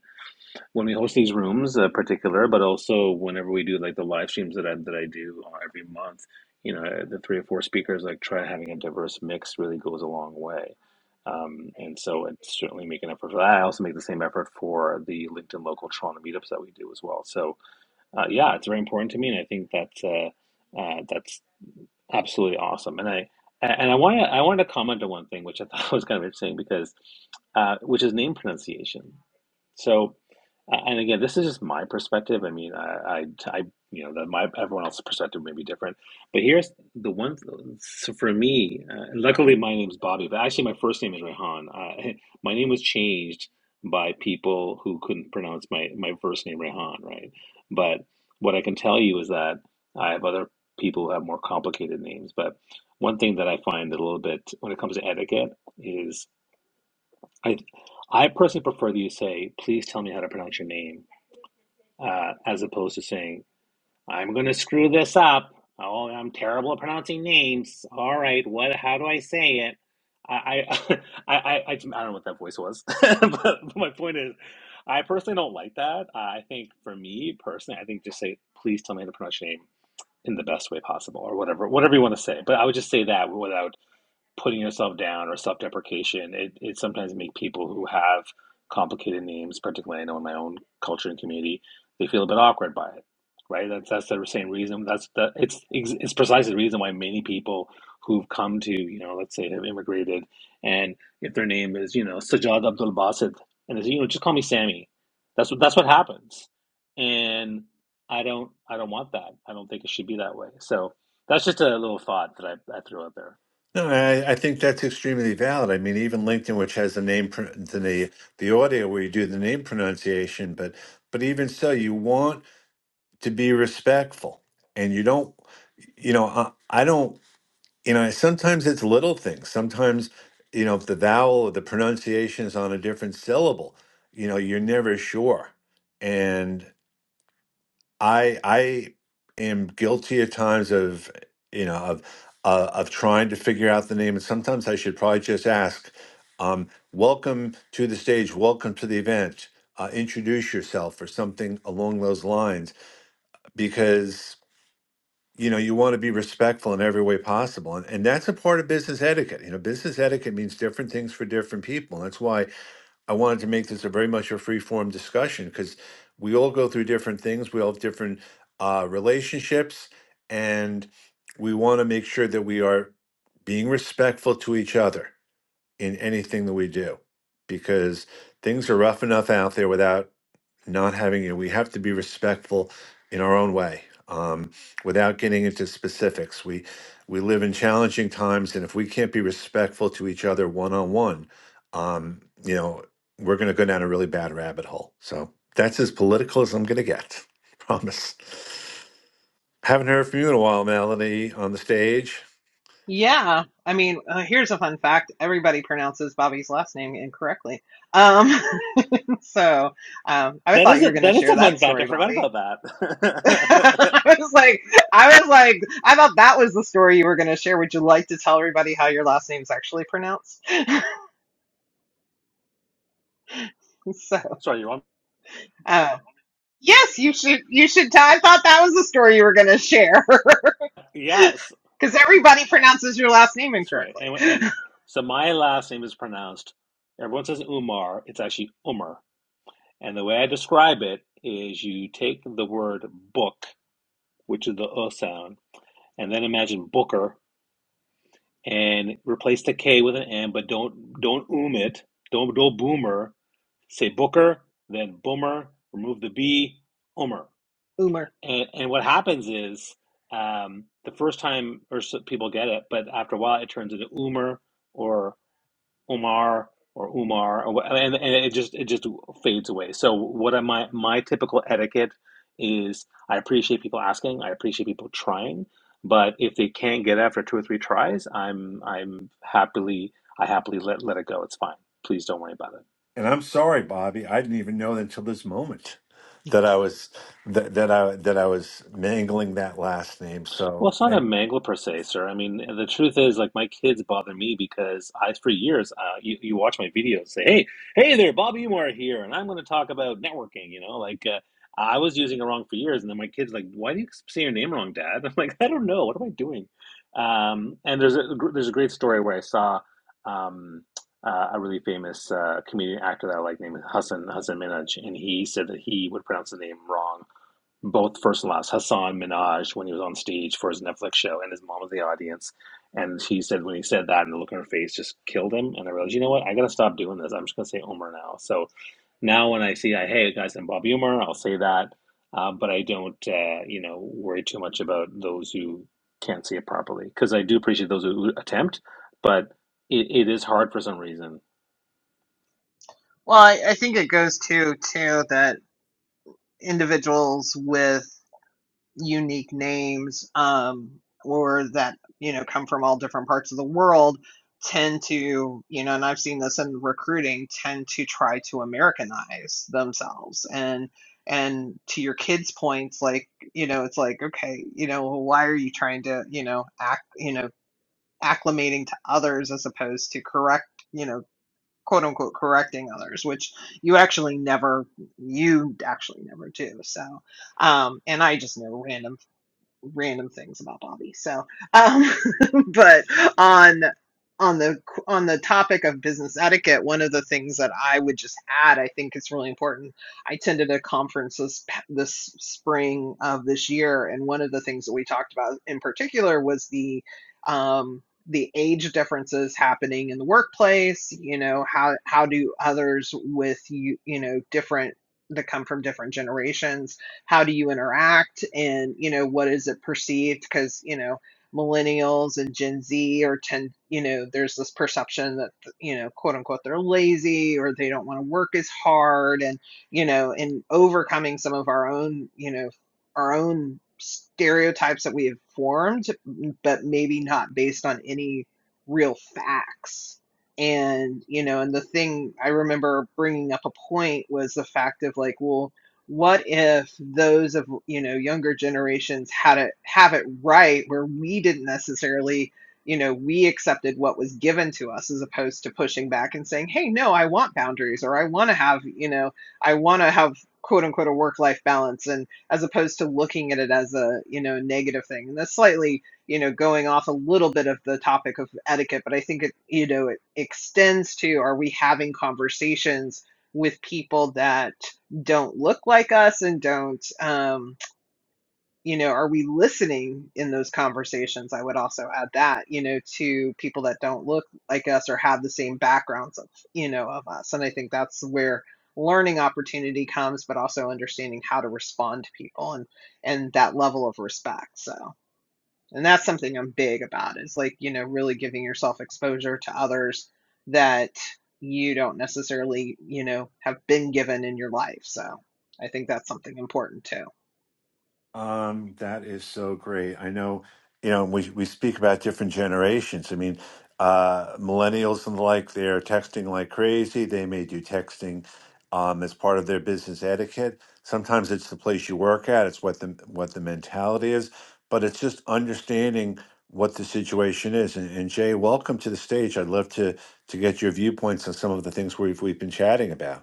Speaker 7: when we host these rooms, uh, particular, but also whenever we do like the live streams that I that I do uh, every month, you know, the three or four speakers like try having a diverse mix really goes a long way. Um, and so it's certainly make an effort for that. I also make the same effort for the LinkedIn local Toronto meetups that we do as well. So uh, yeah, it's very important to me, and I think that's uh, uh, that's absolutely awesome. And I and I wanted I wanted to comment on one thing which I thought was kind of interesting because uh, which is name pronunciation. So, and again, this is just my perspective. I mean, I, I, I you know, that my everyone else's perspective may be different. But here's the one. So for me, uh, luckily my name's Bobby, but actually my first name is Rehan. Uh, my name was changed by people who couldn't pronounce my my first name Rehan, right? But what I can tell you is that I have other people who have more complicated names. But one thing that I find a little bit when it comes to etiquette is I I personally prefer that you say, "Please tell me how to pronounce your name," uh, as opposed to saying, "I'm going to screw this up. Oh, I'm terrible at pronouncing names. All right, what? How do I say it?" I I I, I, I I don't know what that voice was, but my point is, I personally don't like that. I think for me personally, I think just say, "Please tell me how to pronounce your name." In the best way possible, or whatever, whatever you want to say. But I would just say that without putting yourself down or self-deprecation it, it sometimes make people who have complicated names particularly i know in my own culture and community they feel a bit awkward by it right that's that's the same reason that's the it's it's precisely the reason why many people who've come to you know let's say have immigrated and if their name is you know Sajjad abdul Basit, and it's you know just call me sammy that's what that's what happens and i don't i don't want that i don't think it should be that way so that's just a little thought that i, I threw out there
Speaker 2: No, I, I think that's extremely valid. I mean, even LinkedIn, which has the name, pro- the the audio where you do the name pronunciation, but but even so, you want to be respectful, and you don't, you know, I, I don't, you know, sometimes it's little things. Sometimes, you know, if the vowel or the pronunciation is on a different syllable, you know, you're never sure, I I am guilty at times of you know of uh, of trying to figure out the name, and sometimes I should probably just ask, um, "Welcome to the stage. Welcome to the event. Uh, introduce yourself," or something along those lines, because you know you want to be respectful in every way possible, and, and that's a part of business etiquette. You know, business etiquette means different things for different people. That's why I wanted to make this a very much a free form discussion because we all go through different things. We all have different uh, relationships, and we want to make sure that we are being respectful to each other in anything that we do because things are rough enough out there without not having you. know, We have to be respectful in our own way, um, without getting into specifics. We we live in challenging times, and if we can't be respectful to each other one on one, um, you know, we're going to go down a really bad rabbit hole. So that's as political as I'm going to get. Promise. Haven't heard from you in a while, Melanie, on the stage.
Speaker 4: Yeah. I mean, uh, here's a fun fact. Everybody pronounces Bobby's last name incorrectly. Um, so um, I
Speaker 7: That is
Speaker 4: thought you
Speaker 7: a
Speaker 4: were going to
Speaker 7: that is
Speaker 4: share
Speaker 7: a
Speaker 4: that
Speaker 7: fun fact. I
Speaker 4: story,
Speaker 7: forgot
Speaker 4: Bobby.
Speaker 7: about that.
Speaker 4: I was like, I was like, I thought that was the story you were going to share. Would you like to tell everybody how your last name's actually pronounced? so,
Speaker 7: Sorry, you want?
Speaker 4: uh, yes, you should. You should. Tell, I thought that was the story you were going to share.
Speaker 7: Yes,
Speaker 4: Because everybody pronounces
Speaker 7: that's
Speaker 4: your last
Speaker 7: right.
Speaker 4: name
Speaker 7: That's right.
Speaker 4: incorrectly.
Speaker 7: And and so my last name is pronounced. Everyone says Umar. It's actually Umar. And the way I describe it is, you take the word book, which is the uh sound, and then imagine Booker, and replace the K with an M, but don't don't um it. Don't don't boomer. Say Booker, then boomer. Remove the B. Umar.
Speaker 4: Umer.
Speaker 7: And and what happens is um, the first time or so people get it, but after a while it turns into Umar or Omar or Umar, or, wha- and and it just it just fades away. So what am I? My typical etiquette is I appreciate people asking, I appreciate people trying, but if they can't get it after two or three tries, I'm I'm happily I happily let let it go. It's fine. Please don't worry about it.
Speaker 2: and I'm sorry, Bobby, I didn't even know until this moment that I was that, that I that I was mangling that last name.
Speaker 7: Well,
Speaker 2: So
Speaker 7: it's not a mangle per se, sir. I mean, the truth is, like, my kids bother me because I, for years, uh, you, you watch my videos, say, hey, hey there, Bobby Moore here, and I'm going to talk about networking, you know, like, uh, I was using it wrong for years, and then my kids like, "Why do you say your name wrong, Dad?" I'm like, "I don't know. What am I doing?" Um, and there's a gr- there's a great story where I saw um, uh, a really famous uh, comedian actor that I like named Hassan Hassan Minhaj, and he said that he would pronounce the name wrong both first and last, Hassan Minaj when he was on stage for his Netflix show, and his mom was the audience. And she said when he said that, and the look on her face just killed him. And I realized, you know what? I gotta stop doing this. I'm just gonna say Umar now. So now when I see, I hey guys, I'm Bobby Umar. I'll say that, uh, but I don't, uh, you know, worry too much about those who can't see it properly because I do appreciate those who attempt, but it, it is hard for some reason.
Speaker 4: Well, I, I think it goes to too that individuals with unique names, um, or that you know come from all different parts of the world, tend to you know, and I've seen this in recruiting, tend to try to Americanize themselves and. And to your kids' points, like, you know, it's like, okay, you know, why are you trying to, you know, act, you know, acclimating to others as opposed to correct, you know, quote unquote correcting others, which you actually never, you actually never do. So, um, and I just know random random things about Bobby. So, um, but on on the on the topic of business etiquette, one of the things that I would just add, I think it's really important. I attended a conference this this spring of this year, and one of the things that we talked about in particular was the um, the age differences happening in the workplace. You know how how do others with you you know different that come from different generations how do you interact and you know what is it perceived because you know millennials and gen z are tend you know there's this perception that you know quote unquote they're lazy or they don't want to work as hard and you know in overcoming some of our own you know our own stereotypes that we have formed but maybe not based on any real facts and you know and the thing i remember bringing up a point was the fact of like well what if those of you know younger generations had it have it right where we didn't necessarily you know we accepted what was given to us as opposed to pushing back and saying hey no i want boundaries or i want to have you know i want to have quote unquote a work life balance and as opposed to looking at it as a you know negative thing and that's slightly you know going off a little bit of the topic of etiquette but i think it you know it extends to are we having conversations with people that don't look like us and don't um, you know are we listening in those conversations i would also add that you know to people that don't look like us or have the same backgrounds of you know of us and i think that's where learning opportunity comes but also understanding how to respond to people and and that level of respect so and that's something I'm big about is like, you know, really giving yourself exposure to others that you don't necessarily, you know, have been given in your life. So I think that's something important too.
Speaker 2: Um, that is so great. I know, you know, we we speak about different generations. I mean, uh, millennials and the like, they're texting like crazy. They may do texting um, as part of their business etiquette. Sometimes it's the place you work at. It's what the what the mentality is, but it's just understanding what the situation is. And, and Jay, welcome to the stage. I'd love to to get your viewpoints on some of the things we've we've been chatting about.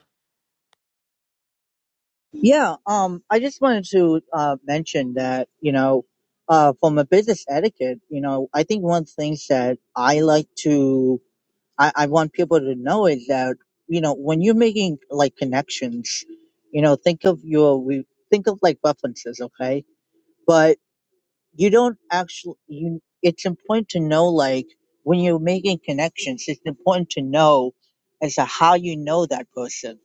Speaker 9: Yeah, um, I just wanted to uh, mention that, you know, uh, from a business etiquette, you know, I think one of the things that I like to, I, I want people to know is that, you know, when you're making like connections, you know, think of your, we think of like references, okay? But you don't actually, you, it's important to know, like, when you're making connections, it's important to know as to how you know that person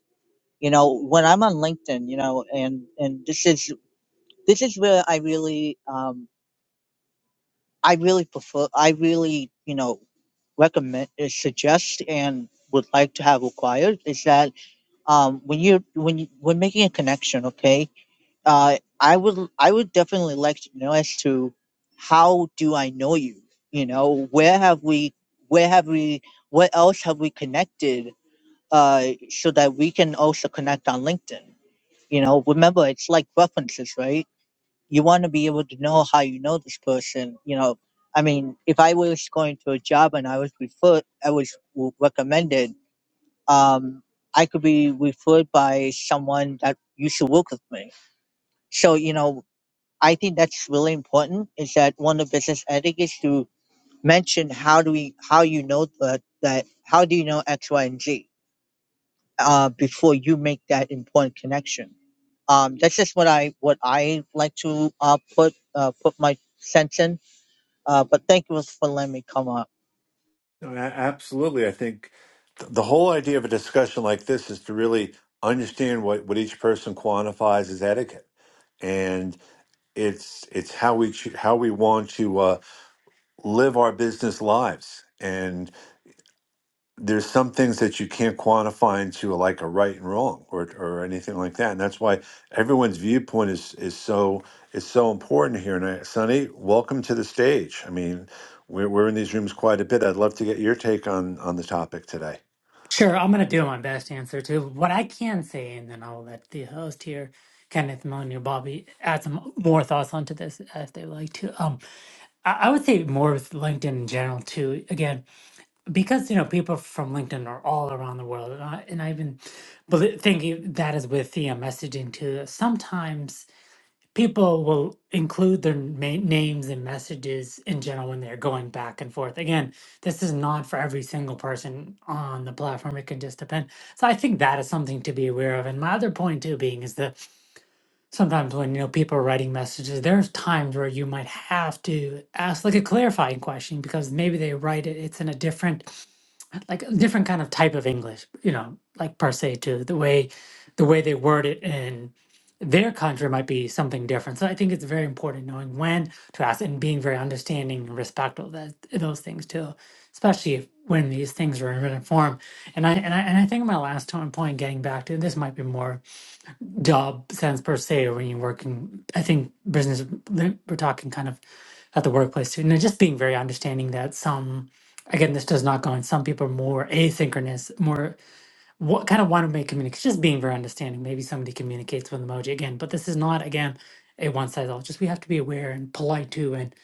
Speaker 9: you know when i'm on linkedin you know and and this is this is where I really, um, I really prefer, I really, you know, recommend, uh, suggest, and would like to have required is that um, when you when you, when making a connection, okay, uh, I would I would definitely like to know as to how do I know you? You know, where have we, where have we, what else have we connected? Uh, so that we can also connect on LinkedIn. You know, remember it's like references, right? you want to be able to know how you know this person you know i mean if i was going to a job and i was referred i was w- recommended um i could be referred by someone that used to work with me so you know i think that's really important is that one of business ethics is to mention how do we how you know that, that how do you know x y and z uh, before you make that important connection um, that's just what i what i like to uh, put uh, put my sense in Uh, but thank you for letting me come up.
Speaker 2: No, a- Absolutely. I think th- the whole idea of a discussion like this is to really understand what, what each person quantifies as etiquette. And it's it's how we cho- how we want to uh, live our business lives. And there's some things that you can't quantify into uh, like a right and wrong or or anything like that. And that's why everyone's viewpoint is is so is so important here. And I, Sonny, welcome to the stage. I mean, we're we're in these rooms quite a bit. I'd love to get your take on on the topic today.
Speaker 10: Sure, I'm going to do my best to answer to what I can say, and then I'll let the host here, Kenneth, Melanie, or Bobby, add some more thoughts onto this uh, if they would like to. Um, I, I would say more with LinkedIn in general too. Again, because you know people from LinkedIn are all around the world, and I, and I even belie- think that is with the uh, messaging too. Sometimes people will include their ma- names and messages in general when they're going back and forth. Again, this is not for every single person on the platform. It can just depend. So I think that is something to be aware of. And my other point too being is that sometimes when you know people are writing messages, there's times where you might have to ask like a clarifying question because maybe they write it, it's in a different like a different kind of type of English, you know, like per se to the way the way they word it in their country might be something different. So I think it's very important knowing when to ask and being very understanding and respectful of that those things too, especially if, when these things are in written form. And I and I and I think my last to- point, getting back to this, might be more job sense per se when you're working i think business we're talking kind of at the workplace too and just being very understanding that some again this does not go in some people are more asynchronous more what kind of want to make communication just being very understanding maybe somebody communicates with emoji again but this is not again a one size all just we have to be aware and polite too and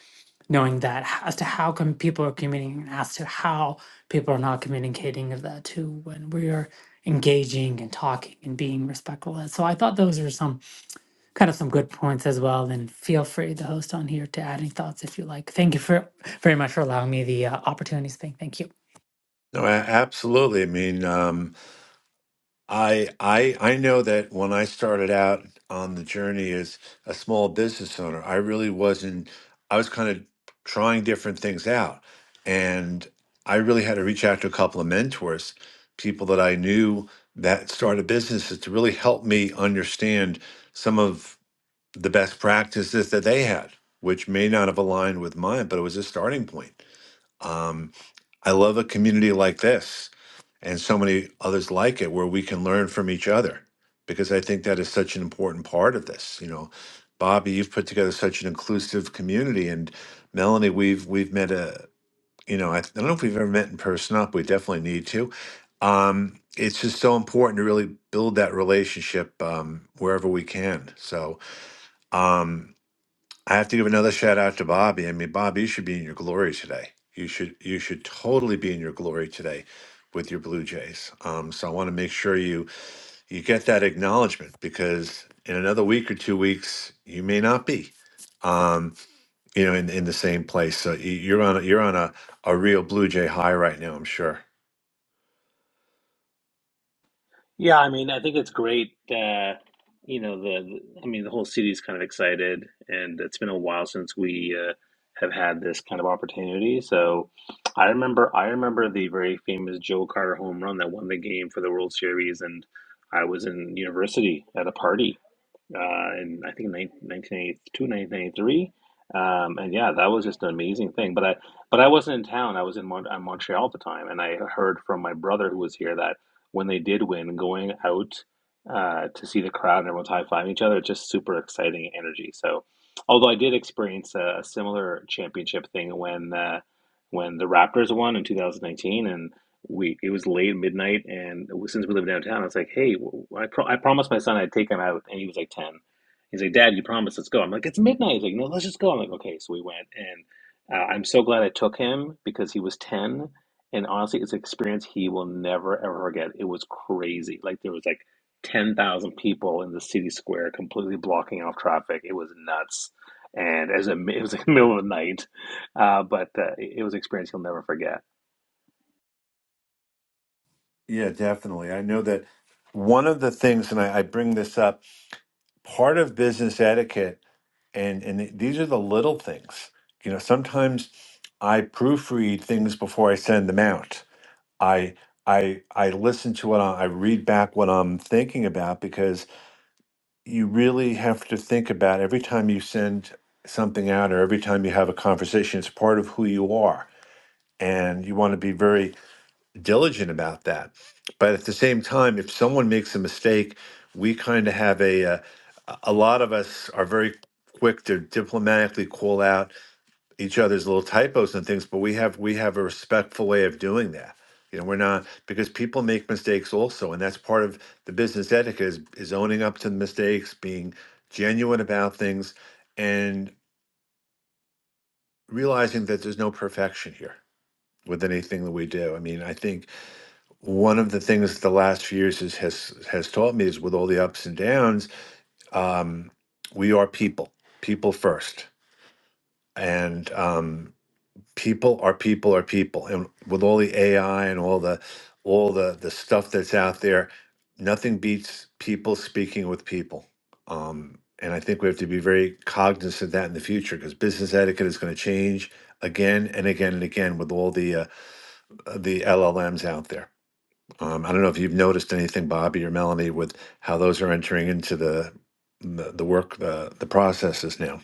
Speaker 10: knowing that h- as to how come people are communicating and as to how people are not communicating of that too when we are engaging and talking and being respectful and so i thought those were some kind of some good points as well. And feel free, the host on here, to add any thoughts if you like. Thank you for very much for allowing me the uh, opportunity to speak. Thank you.
Speaker 2: No, a- absolutely. I mean, um, I I I know that when I started out on the journey as a small business owner, I really wasn't. I was kind of trying different things out, and I really had to reach out to a couple of mentors, people that I knew that started businesses to really help me understand some of the best practices that they had, which may not have aligned with mine, but it was a starting point. Um, I love a community like this and so many others like it where we can learn from each other because I think that is such an important part of this. You know, Bobby, you've put together such an inclusive community, and Melanie, we've we've met a you know I, I don't know if we've ever met in person up. We definitely need to. Um, it's just so important to really build that relationship um, wherever we can. So. Um, I have to give another shout out to Bobby. I mean, Bob, you should be in your glory today. You should you should totally be in your glory today with your Blue Jays. Um, so I want to make sure you you get that acknowledgement because in another week or two weeks you may not be, um, you know, in, in the same place. So y- you're on a, you're on a, a real Blue Jay high right now. I'm sure.
Speaker 7: Yeah, I mean, I think it's great. Uh, you know, the, the I mean, the whole city's kind of excited, and it's been a while since we uh, have had this kind of opportunity. So, I remember, I remember the very famous Joe Carter home run that won the game for the World Series, and I was in university at a party, uh, in I think 19, ninety-two, nineteen ninety-three. Um, and yeah, that was just an amazing thing. But I, but I wasn't in town. I was in Mon uh, Montreal at the time, and I heard from my brother who was here that when they did win, going out uh, to see the crowd and everyone's high fiving each other, it's just super exciting energy. So, although I did experience a, a similar championship thing when uh, when the Raptors won in 2019, and we it was late midnight and since we live downtown i was like hey w- I, pro- I promised my son i'd take him out and he was like 10 he's like dad you promised let's go i'm like it's midnight he's like no let's just go i'm like okay so we went and uh, i'm so glad i took him because he was 10 and honestly it's an experience he will never ever forget it was crazy like there was like 10,000 people in the city square completely blocking off traffic it was nuts and as a, it was like middle of the night uh, but uh, it it was an experience he'll never forget.
Speaker 2: Yeah, definitely. I know that one of the things, and I, I bring this up part of business etiquette and and these are the little things you know sometimes i proofread things before i send them out i i i listen to what I, I read back what i'm thinking about because you really have to think about every time you send something out or every time you have a conversation it's part of who you are and you want to be very diligent about that. But at the same time, if someone makes a mistake, we kind of have a, uh, a lot of us are very quick to diplomatically call out each other's little typos and things, but we have we have a respectful way of doing that. You know, we're not because people make mistakes also, and that's part of the business etiquette is, is owning up to the mistakes, being genuine about things, and realizing that there's no perfection here with anything that we do. I mean, I think one of the things the last few years has has, has taught me is with all the ups and downs, um, we are people, people first, and um, people are people are people, and with all the AI and all the all the the stuff that's out there, nothing beats people speaking with people. Um, and I think we have to be very cognizant of that in the future because business etiquette is going to change again and again and again with all the uh, the LLMs out there. Um, I don't know if you've noticed anything, Bobby or Melanie, with how those are entering into the the, the work, the, the processes now.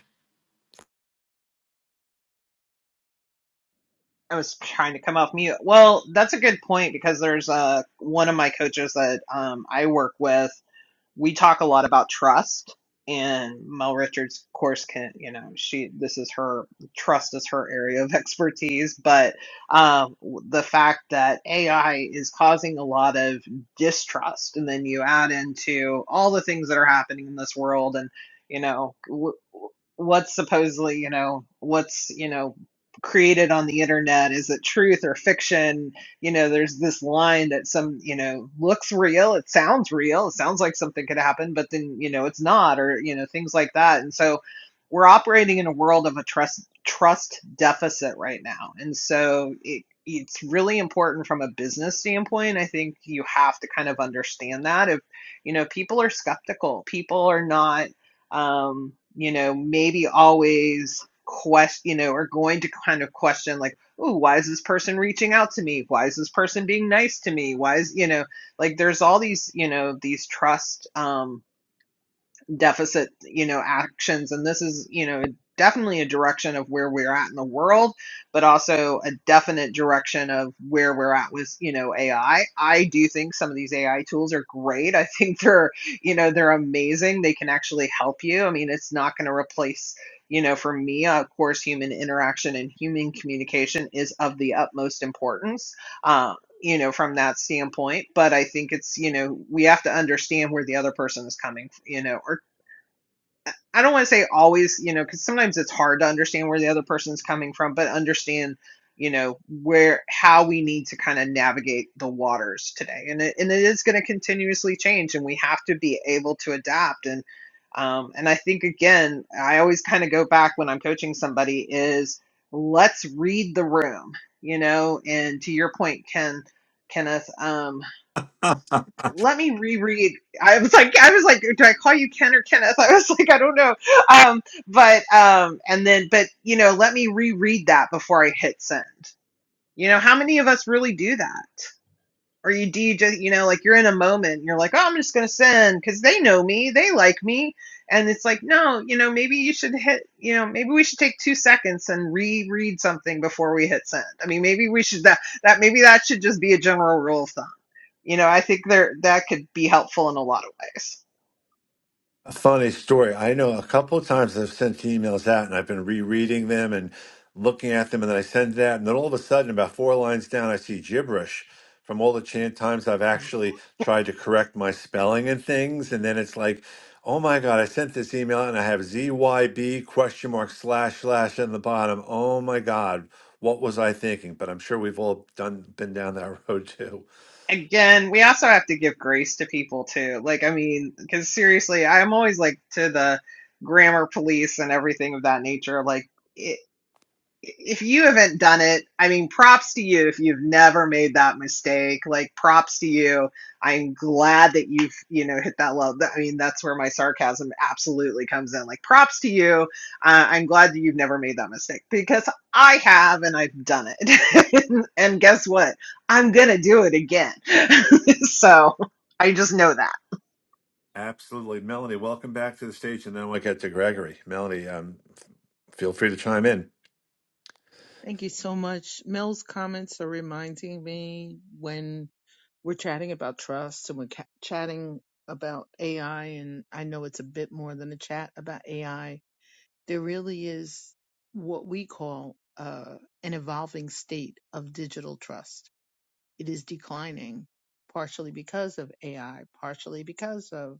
Speaker 4: I was trying to come off mute. Well, that's a good point because there's uh, one of my coaches that um, I work with. we talk a lot about trust and Mel Richards of course can you know she this is her trust is her area of expertise but um, the fact that AI is causing a lot of distrust and then you add into all the things that are happening in this world and you know w- what's supposedly you know what's you know created on the internet is it truth or fiction you know, there's this line that some, you know, looks real, it sounds real, it sounds like something could happen, but then, you know, it's not, or, you know, things like that. And so we're operating in a world of a trust trust deficit right now. And so it it's really important from a business standpoint. I think you have to kind of understand that if you know people are skeptical, people are not um, you know, maybe always question you know, are going to kind of question like ooh, why is this person reaching out to me? Why is this person being nice to me? Why is, you know, like there's all these, you know, these trust um deficit, you know, actions. And this is, you know, definitely a direction of where we're at in the world, but also a definite direction of where we're at with, you know, AI. I I do think some of these AI tools are great. I think they're, you know, they're amazing. They can actually help you. I mean, it's not going to replace, you know, for me, uh, of course, human interaction and human communication is of the utmost importance. Uh, you know from that standpoint but i think it's you know we have to understand where the other person is coming you know or I don't want to say always, you know, because sometimes it's hard to understand where the other person's coming from, but understand, you know, where how we need to kind of navigate the waters today, and it, and it is going to continuously change, and we have to be able to adapt. And um, and I think again, I always kind of go back when I'm coaching somebody is let's read the room, you know, and to your point, Ken, Kenneth. Um, let me reread. I was like, I was like, do I call you Ken or Kenneth? I was like, I don't know. Um, but um, and then, but you know, let me reread that before I hit send. You know, how many of us really do that? Or you do you just you know like you're in a moment you're like, oh, I'm just gonna send because they know me, they like me, and it's like no, you know maybe you should hit you know maybe we should take two seconds and reread something before we hit send. I mean maybe we should that that maybe that should just be a general rule of thumb. You know I think there that could be helpful in a lot of ways
Speaker 2: A funny story. I know a couple of times I've sent emails out and I've been rereading them and looking at them, and then I send that, and then all of a sudden, about four lines down, I see gibberish from all the chan- times I've actually tried to correct my spelling and things, and then it's like, oh my god, I sent this email out and I have ZYB question mark slash slash in the bottom. Oh my god, what was I thinking? But I'm sure we've all done been down that road too.
Speaker 4: again, we also have to give grace to people too. Like, I mean, because seriously, I'm always like to the grammar police and everything of that nature. Like, if you haven't done it, I mean, props to you if you've never made that mistake. Like, props to you. I'm glad that you've, you know, hit that level. I mean, that's where my sarcasm absolutely comes in. Like, props to you. Uh, I'm glad that you've never made that mistake because I have and I've done it. and guess what? I'm going to do it again. so I just know that.
Speaker 2: Absolutely. Melanie, welcome back to the stage, and then we'll get to Gregory. Melanie, um, feel free to chime in.
Speaker 6: Thank you so much. Mel's comments are reminding me when we're chatting about trust and we're ca- chatting about AI and I know it's a bit more than a chat about AI. There really is what we call uh, an evolving state of digital trust it is declining partially because of AI, partially because of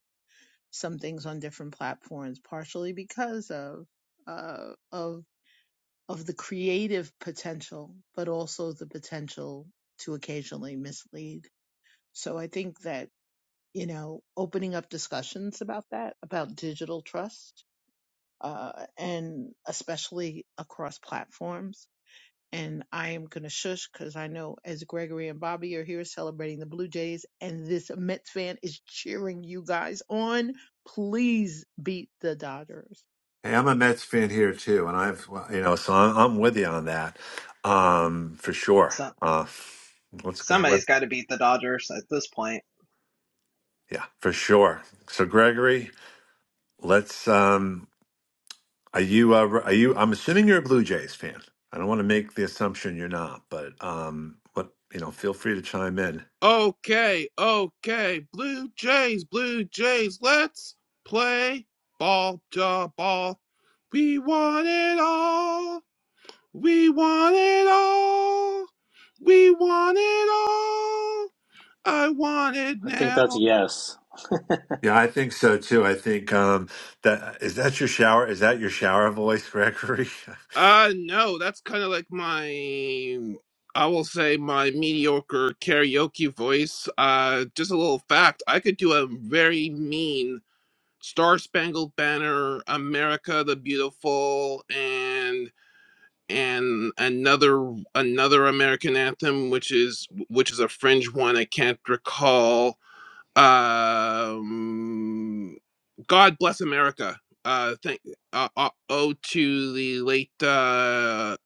Speaker 6: some things on different platforms, partially because of uh, of of the creative potential, but also the potential to occasionally mislead. So I think that you know opening up discussions about that, about digital trust, uh, and especially across platforms and I am going to shush because I know as Gregory and Bobby are here celebrating the Blue Jays and this Mets fan is cheering you guys on, please beat the Dodgers.
Speaker 2: Hey, I'm a Mets fan here too, and I've, well, you know, so I'm, I'm with you on that, um, for sure.
Speaker 4: So
Speaker 2: Uh, let's go. Let,
Speaker 4: somebody's got to beat the Dodgers at this point.
Speaker 2: yeah, for sure. So, Gregory, let's. Um, are you? Uh, are you? I'm assuming you're a Blue Jays fan. I don't want to make the assumption you're not, but um, what you know, feel free to chime in.
Speaker 11: Okay, okay. Blue Jays, Blue Jays, let's play ball to ball. We want it all. We want it all. We want it all. I want it
Speaker 7: I think that's a
Speaker 11: now.
Speaker 7: yes.
Speaker 2: Yeah, I think so too. I think um that is that your shower is that your shower voice, Gregory?
Speaker 11: Uh no, that's kind of like my I will say my mediocre karaoke voice. Uh just a little fact, I could do a very mean Star Spangled Banner, America the Beautiful, and and another another American anthem, which is which is a fringe one. I can't recall. Um, God bless America. Uh, thank uh, uh, oh to the late uh,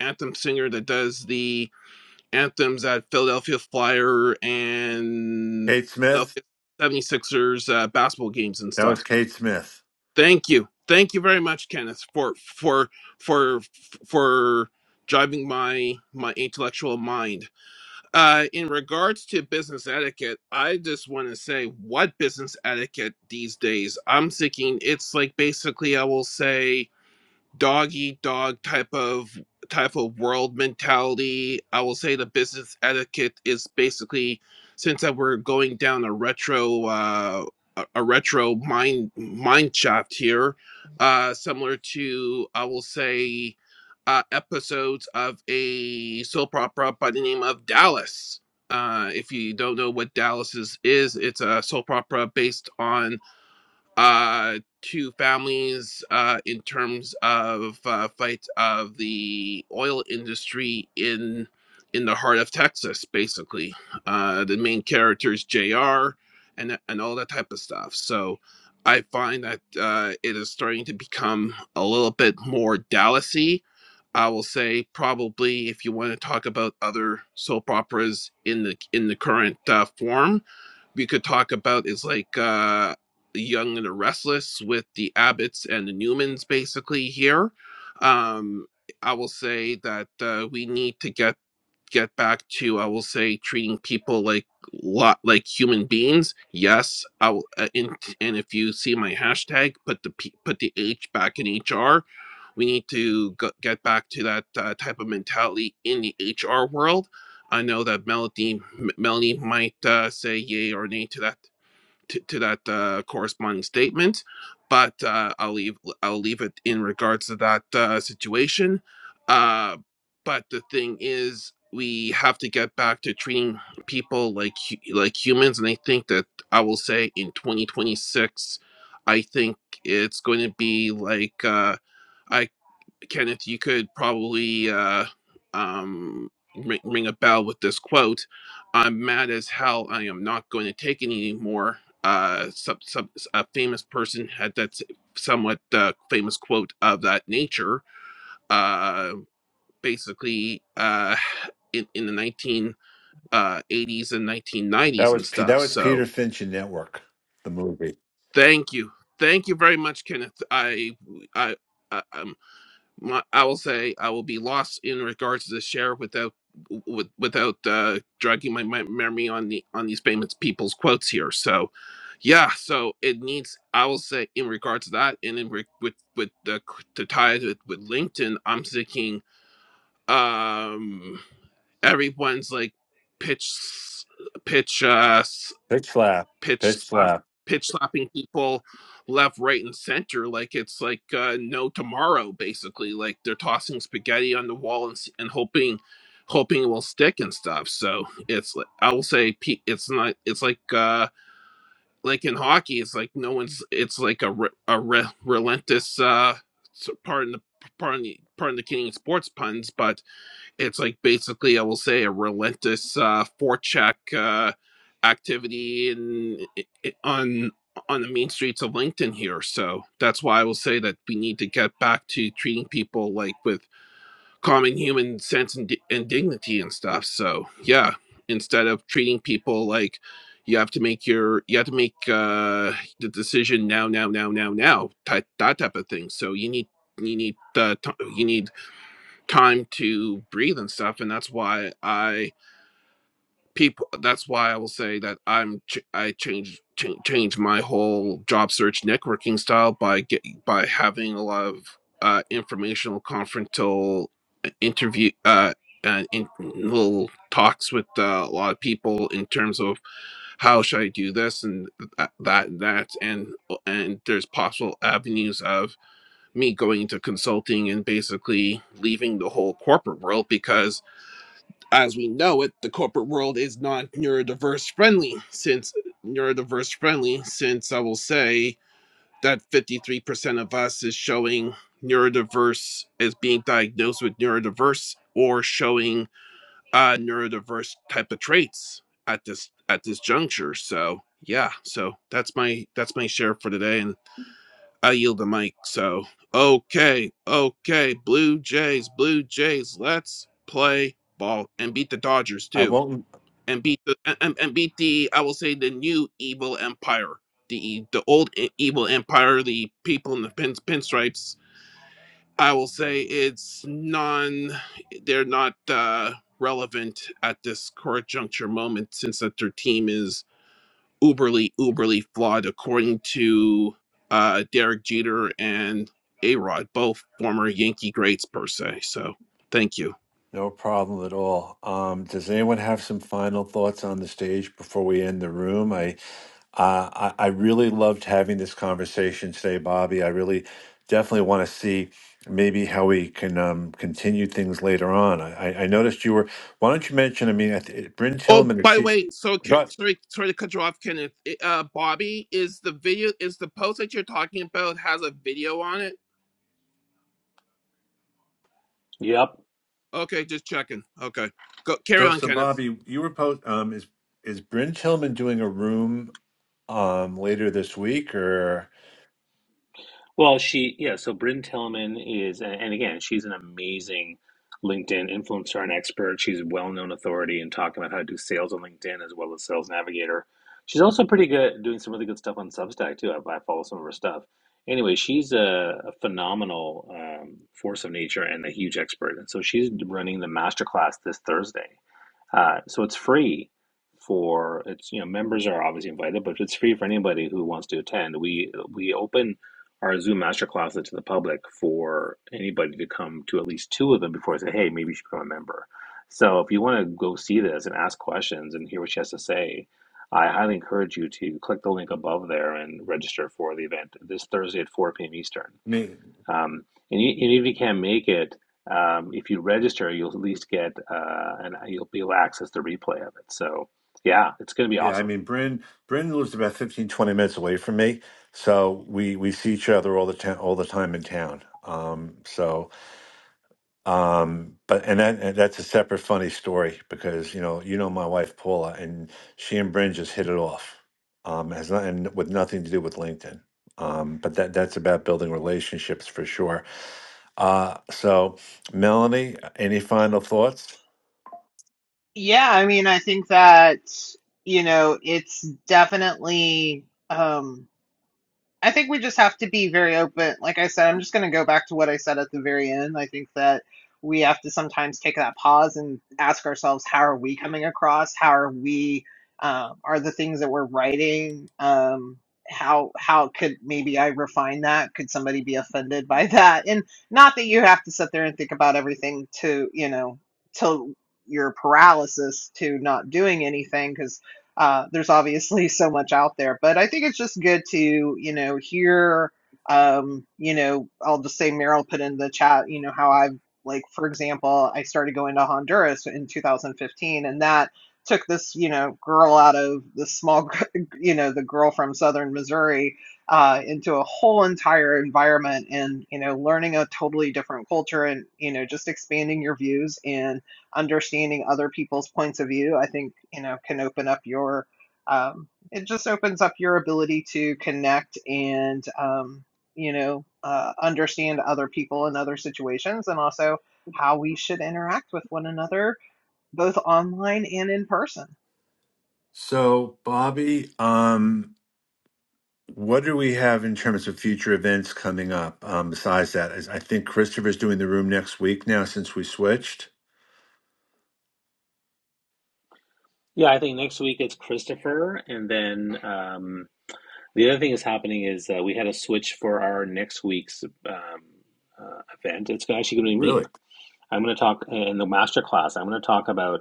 Speaker 11: anthem singer that does the anthems at Philadelphia Flyer and
Speaker 2: Kate Smith?
Speaker 11: Philadelphia Seventy Sixers uh, basketball games and
Speaker 2: That was
Speaker 11: stuff.
Speaker 2: Kate Smith.
Speaker 11: Thank you. Thank you very much, Kenneth, for for for for driving my my intellectual mind. Uh, in regards to business etiquette, I just want to say what business etiquette these days. I'm thinking it's like basically I will say dog eat dog type of type of world mentality. I will say the business etiquette is basically since that we're going down a retro uh, a a retro mind mind shaft here, uh, similar to I will say uh, episodes of a soap opera by the name of Dallas. Uh, if you don't know what Dallas is, is it's a soap opera based on uh, to families uh, in terms of uh, fights of the oil industry in in the heart of Texas, basically. Uh, the main character is Jr. and and all that type of stuff. So I find that uh, it is starting to become a little bit more Dallasy. I will say probably if you want to talk about other soap operas in the in the current uh, form, we could talk about is like uh Young and the Restless with the Abbotts and the Newmans basically here. Um I will say that uh, we need to get get back to I will say treating people like lot like human beings. Yes, I will, uh, in, and if you see my hashtag, put the P, put the H back in HR. We need to go, get back to that uh, type of mentality in the HR world. I know that Melody M- Melanie might uh, say yay or nay to that to, to that uh, corresponding statement, but uh, I'll leave I'll leave it in regards to that uh, situation. Uh, but the thing is, we have to get back to treating people like hu- like humans, and I think that I will say in 2026, I think it's going to be like. Uh, I Kenneth, you could probably uh, um, ring, ring a bell with this quote. I'm mad as hell. I am not going to take it anymore. Uh, some, some, a famous person had that s- somewhat uh, famous quote of that nature. Uh, basically, uh, in, in the 1980s and
Speaker 2: That
Speaker 11: 1990s
Speaker 2: was
Speaker 11: and
Speaker 2: P- that
Speaker 11: stuff.
Speaker 2: was
Speaker 11: So
Speaker 2: Peter Finch in Network, the movie.
Speaker 11: thank you. Thank you very much, Kenneth. I, I, I, um, my, I will say I will be lost in regards to the share without with, without uh, dragging my, my memory on the on these payments people's quotes here. So yeah, so it needs I will say in regards to that and in re- with with the c- to tie it with, with LinkedIn, I'm thinking um everyone's like pitch s- pitch uh
Speaker 2: Pitch slap,
Speaker 11: pitch
Speaker 2: pitch
Speaker 11: slap
Speaker 2: slap.
Speaker 11: pitch slapping people left right and center like it's like uh, no tomorrow basically like they're tossing spaghetti on the wall and, s- and hoping hoping it will stick and stuff so it's like i will say pe- it's not it's like uh like in hockey it's like no one's it's like a, re- a re- relentless uh s- pardon the pardon the pardon the king sports puns but it's like basically I will say a relentless uh forecheck uh activity in, i on on the mean streets of LinkedIn here. So that's why I will say that we need to get back to treating people like with common human sense and, and dignity and stuff. So yeah, instead of treating people like you have to make your you have to make uh the decision now now now now now type that type of thing. So you need you need uh, t- you need time to breathe and stuff and that's why i people that's why i will say that i'm ch- i changed ch- change my whole job search networking style by get by having a lot of uh informational confrontal uh, interview uh and in little talks with uh, a lot of people in terms of how should I do this and th- that, that, and and there's possible avenues of me going into consulting and basically leaving the whole corporate world because, as we know it, the corporate world is not neurodiverse friendly. Since neurodiverse friendly, since I will say that 53% of us is showing neurodiverse as being diagnosed with neurodiverse or showing uh, neurodiverse type of traits at this at this juncture. So yeah, so that's my that's my share for today, and I yield the mic. So, okay, okay, Blue Jays, Blue Jays, let's play ball and beat the Dodgers
Speaker 2: I
Speaker 11: too,
Speaker 2: won't
Speaker 11: and beat the and, and beat the I will say the new evil empire, the the old e- evil empire, the people in the pin, pinstripes. I will say it's non, they're not uh, relevant at this current juncture moment since that their team is uberly uberly flawed according to uh derek jeter and a rod both former yankee greats per se so thank you
Speaker 2: No problem at all. Um, does anyone have some final thoughts on the stage before we end the room? I, uh, I, I really loved having this conversation today, Bobby. I really definitely want to see maybe how we can um, continue things later on. I, I I noticed you were. Why don't you mention? I mean, I th- Bryn
Speaker 11: oh
Speaker 2: Tillman. Is
Speaker 11: by the
Speaker 2: she?
Speaker 11: way so ca-
Speaker 2: But
Speaker 11: sorry sorry to cut you off kenneth It- uh bobby is the video is the post that you're talking about has a video on it
Speaker 7: Yep.
Speaker 11: okay just checking okay go carry
Speaker 2: so
Speaker 11: on
Speaker 2: so,
Speaker 11: kenneth
Speaker 2: Bobby, you were post. Um, is is Bryn Tillman doing a room um later this week or?
Speaker 7: Well, she, yeah, so Bryn Tillman is, and and again, she's an amazing LinkedIn influencer and expert. She's a well-known authority in talking about how to do sales on LinkedIn as well as Sales Navigator. She's also pretty good at doing some really good stuff on Substack too. I, I follow some of her stuff. Anyway, she's a, a phenomenal um, force of nature and a huge expert. And so she's running the masterclass this Thursday. Uh, so it's free for it's you know members are obviously invited, but it's free for anybody who wants to attend. We we open our Zoom master classes to the public for anybody to come to at least two of them before I say, hey, maybe you should become a member. So if you want to go see this and ask questions and hear what she has to say, I highly encourage you to click the link above there and register for the event this Thursday at 4 p.m. Eastern. Um, and, you, and if you can't make it, um, if you register, you'll at least get uh, and you'll be able to access the replay of it. So yeah, it's going to be
Speaker 2: Yeah, I
Speaker 7: awesome.
Speaker 2: mean, Bryn Bryn lives about 15 20 minutes away from me, so we we see each other all the time, all the time in town. Um, so, um, but and that and that's a separate funny story because you know you know my wife Paula and she and Bryn just hit it off. Um, has nothing with nothing to do with LinkedIn. Um, but that that's about building relationships for sure. Uh, so Melanie, any final thoughts?
Speaker 4: Yeah, I mean, I think that, you know, it's definitely um I think we just have to be very open. Like I said, I'm just going to go back to what I said at the very end. I think that we have to sometimes take that pause and ask ourselves, how are we coming across? How are we? Um, are the things that we're writing? Um, how how could maybe I refine that? Could somebody be offended by that? And not that you have to sit there and think about everything to you know till your paralysis to not doing anything 'Cause uh, there's obviously so much out there, but I think it's just good to, you know, hear, um, you know, I'll just say Meryl put in the chat, you know, how I've, like, for example, I started going to Honduras in 2015, and that took this, you know, girl out of the small, gr- you know, the girl from Southern Missouri uh, into a whole entire environment and you know learning a totally different culture and you know just expanding your views and understanding other people's points of view, I think, you know, can open up your, um, it just opens up your ability to connect and, um, you know, uh, understand other people in other situations and also how we should interact with one another, both online and in person.
Speaker 2: So Bobby, um. What do we have in terms of future events coming up? Um, besides that, Is- I think Christopher's doing the room next week now since we switched.
Speaker 7: Yeah, I think next week it's Christopher, and then um, the other thing that's happening is uh, we had a switch for our next week's um, uh, event. It's actually going to be me.
Speaker 2: Really?
Speaker 7: I'm going to talk in the master class. I'm going to talk about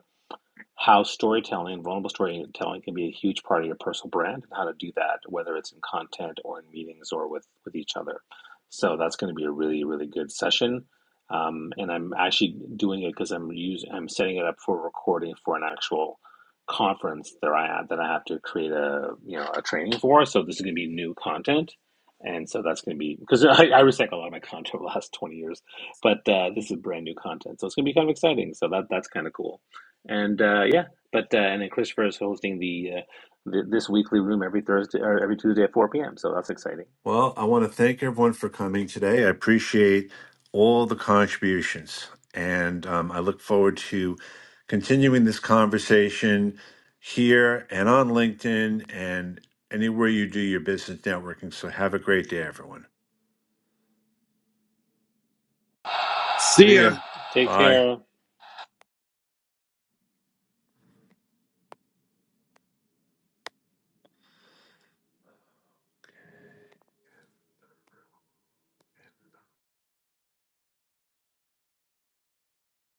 Speaker 7: how storytelling, vulnerable storytelling, can be a huge part of your personal brand and how to do that, whether it's in content or in meetings or with with each other. So that's going to be a really really good session. Um, and I'm actually doing it because I'm using I'm setting it up for recording for an actual conference that I have that I have to create a you know a training for. So this is going to be new content. And so that's going to be because I, I recycle a lot of my content over the last 20 years, but uh, this is brand new content. So it's going to be kind of exciting. So that that's kind of cool and uh, yeah, but uh, and then Christopher is hosting the, uh, the this weekly room every Thursday or every Tuesday at 4 p.m. So that's exciting.
Speaker 2: Well, I want to thank everyone for coming today. I appreciate all the contributions, and um, I look forward to continuing this conversation here and on LinkedIn and anywhere you do your business networking. So have a great day, everyone.
Speaker 11: See
Speaker 2: See
Speaker 11: ya.
Speaker 2: ya.
Speaker 7: Take
Speaker 2: Bye.
Speaker 7: care.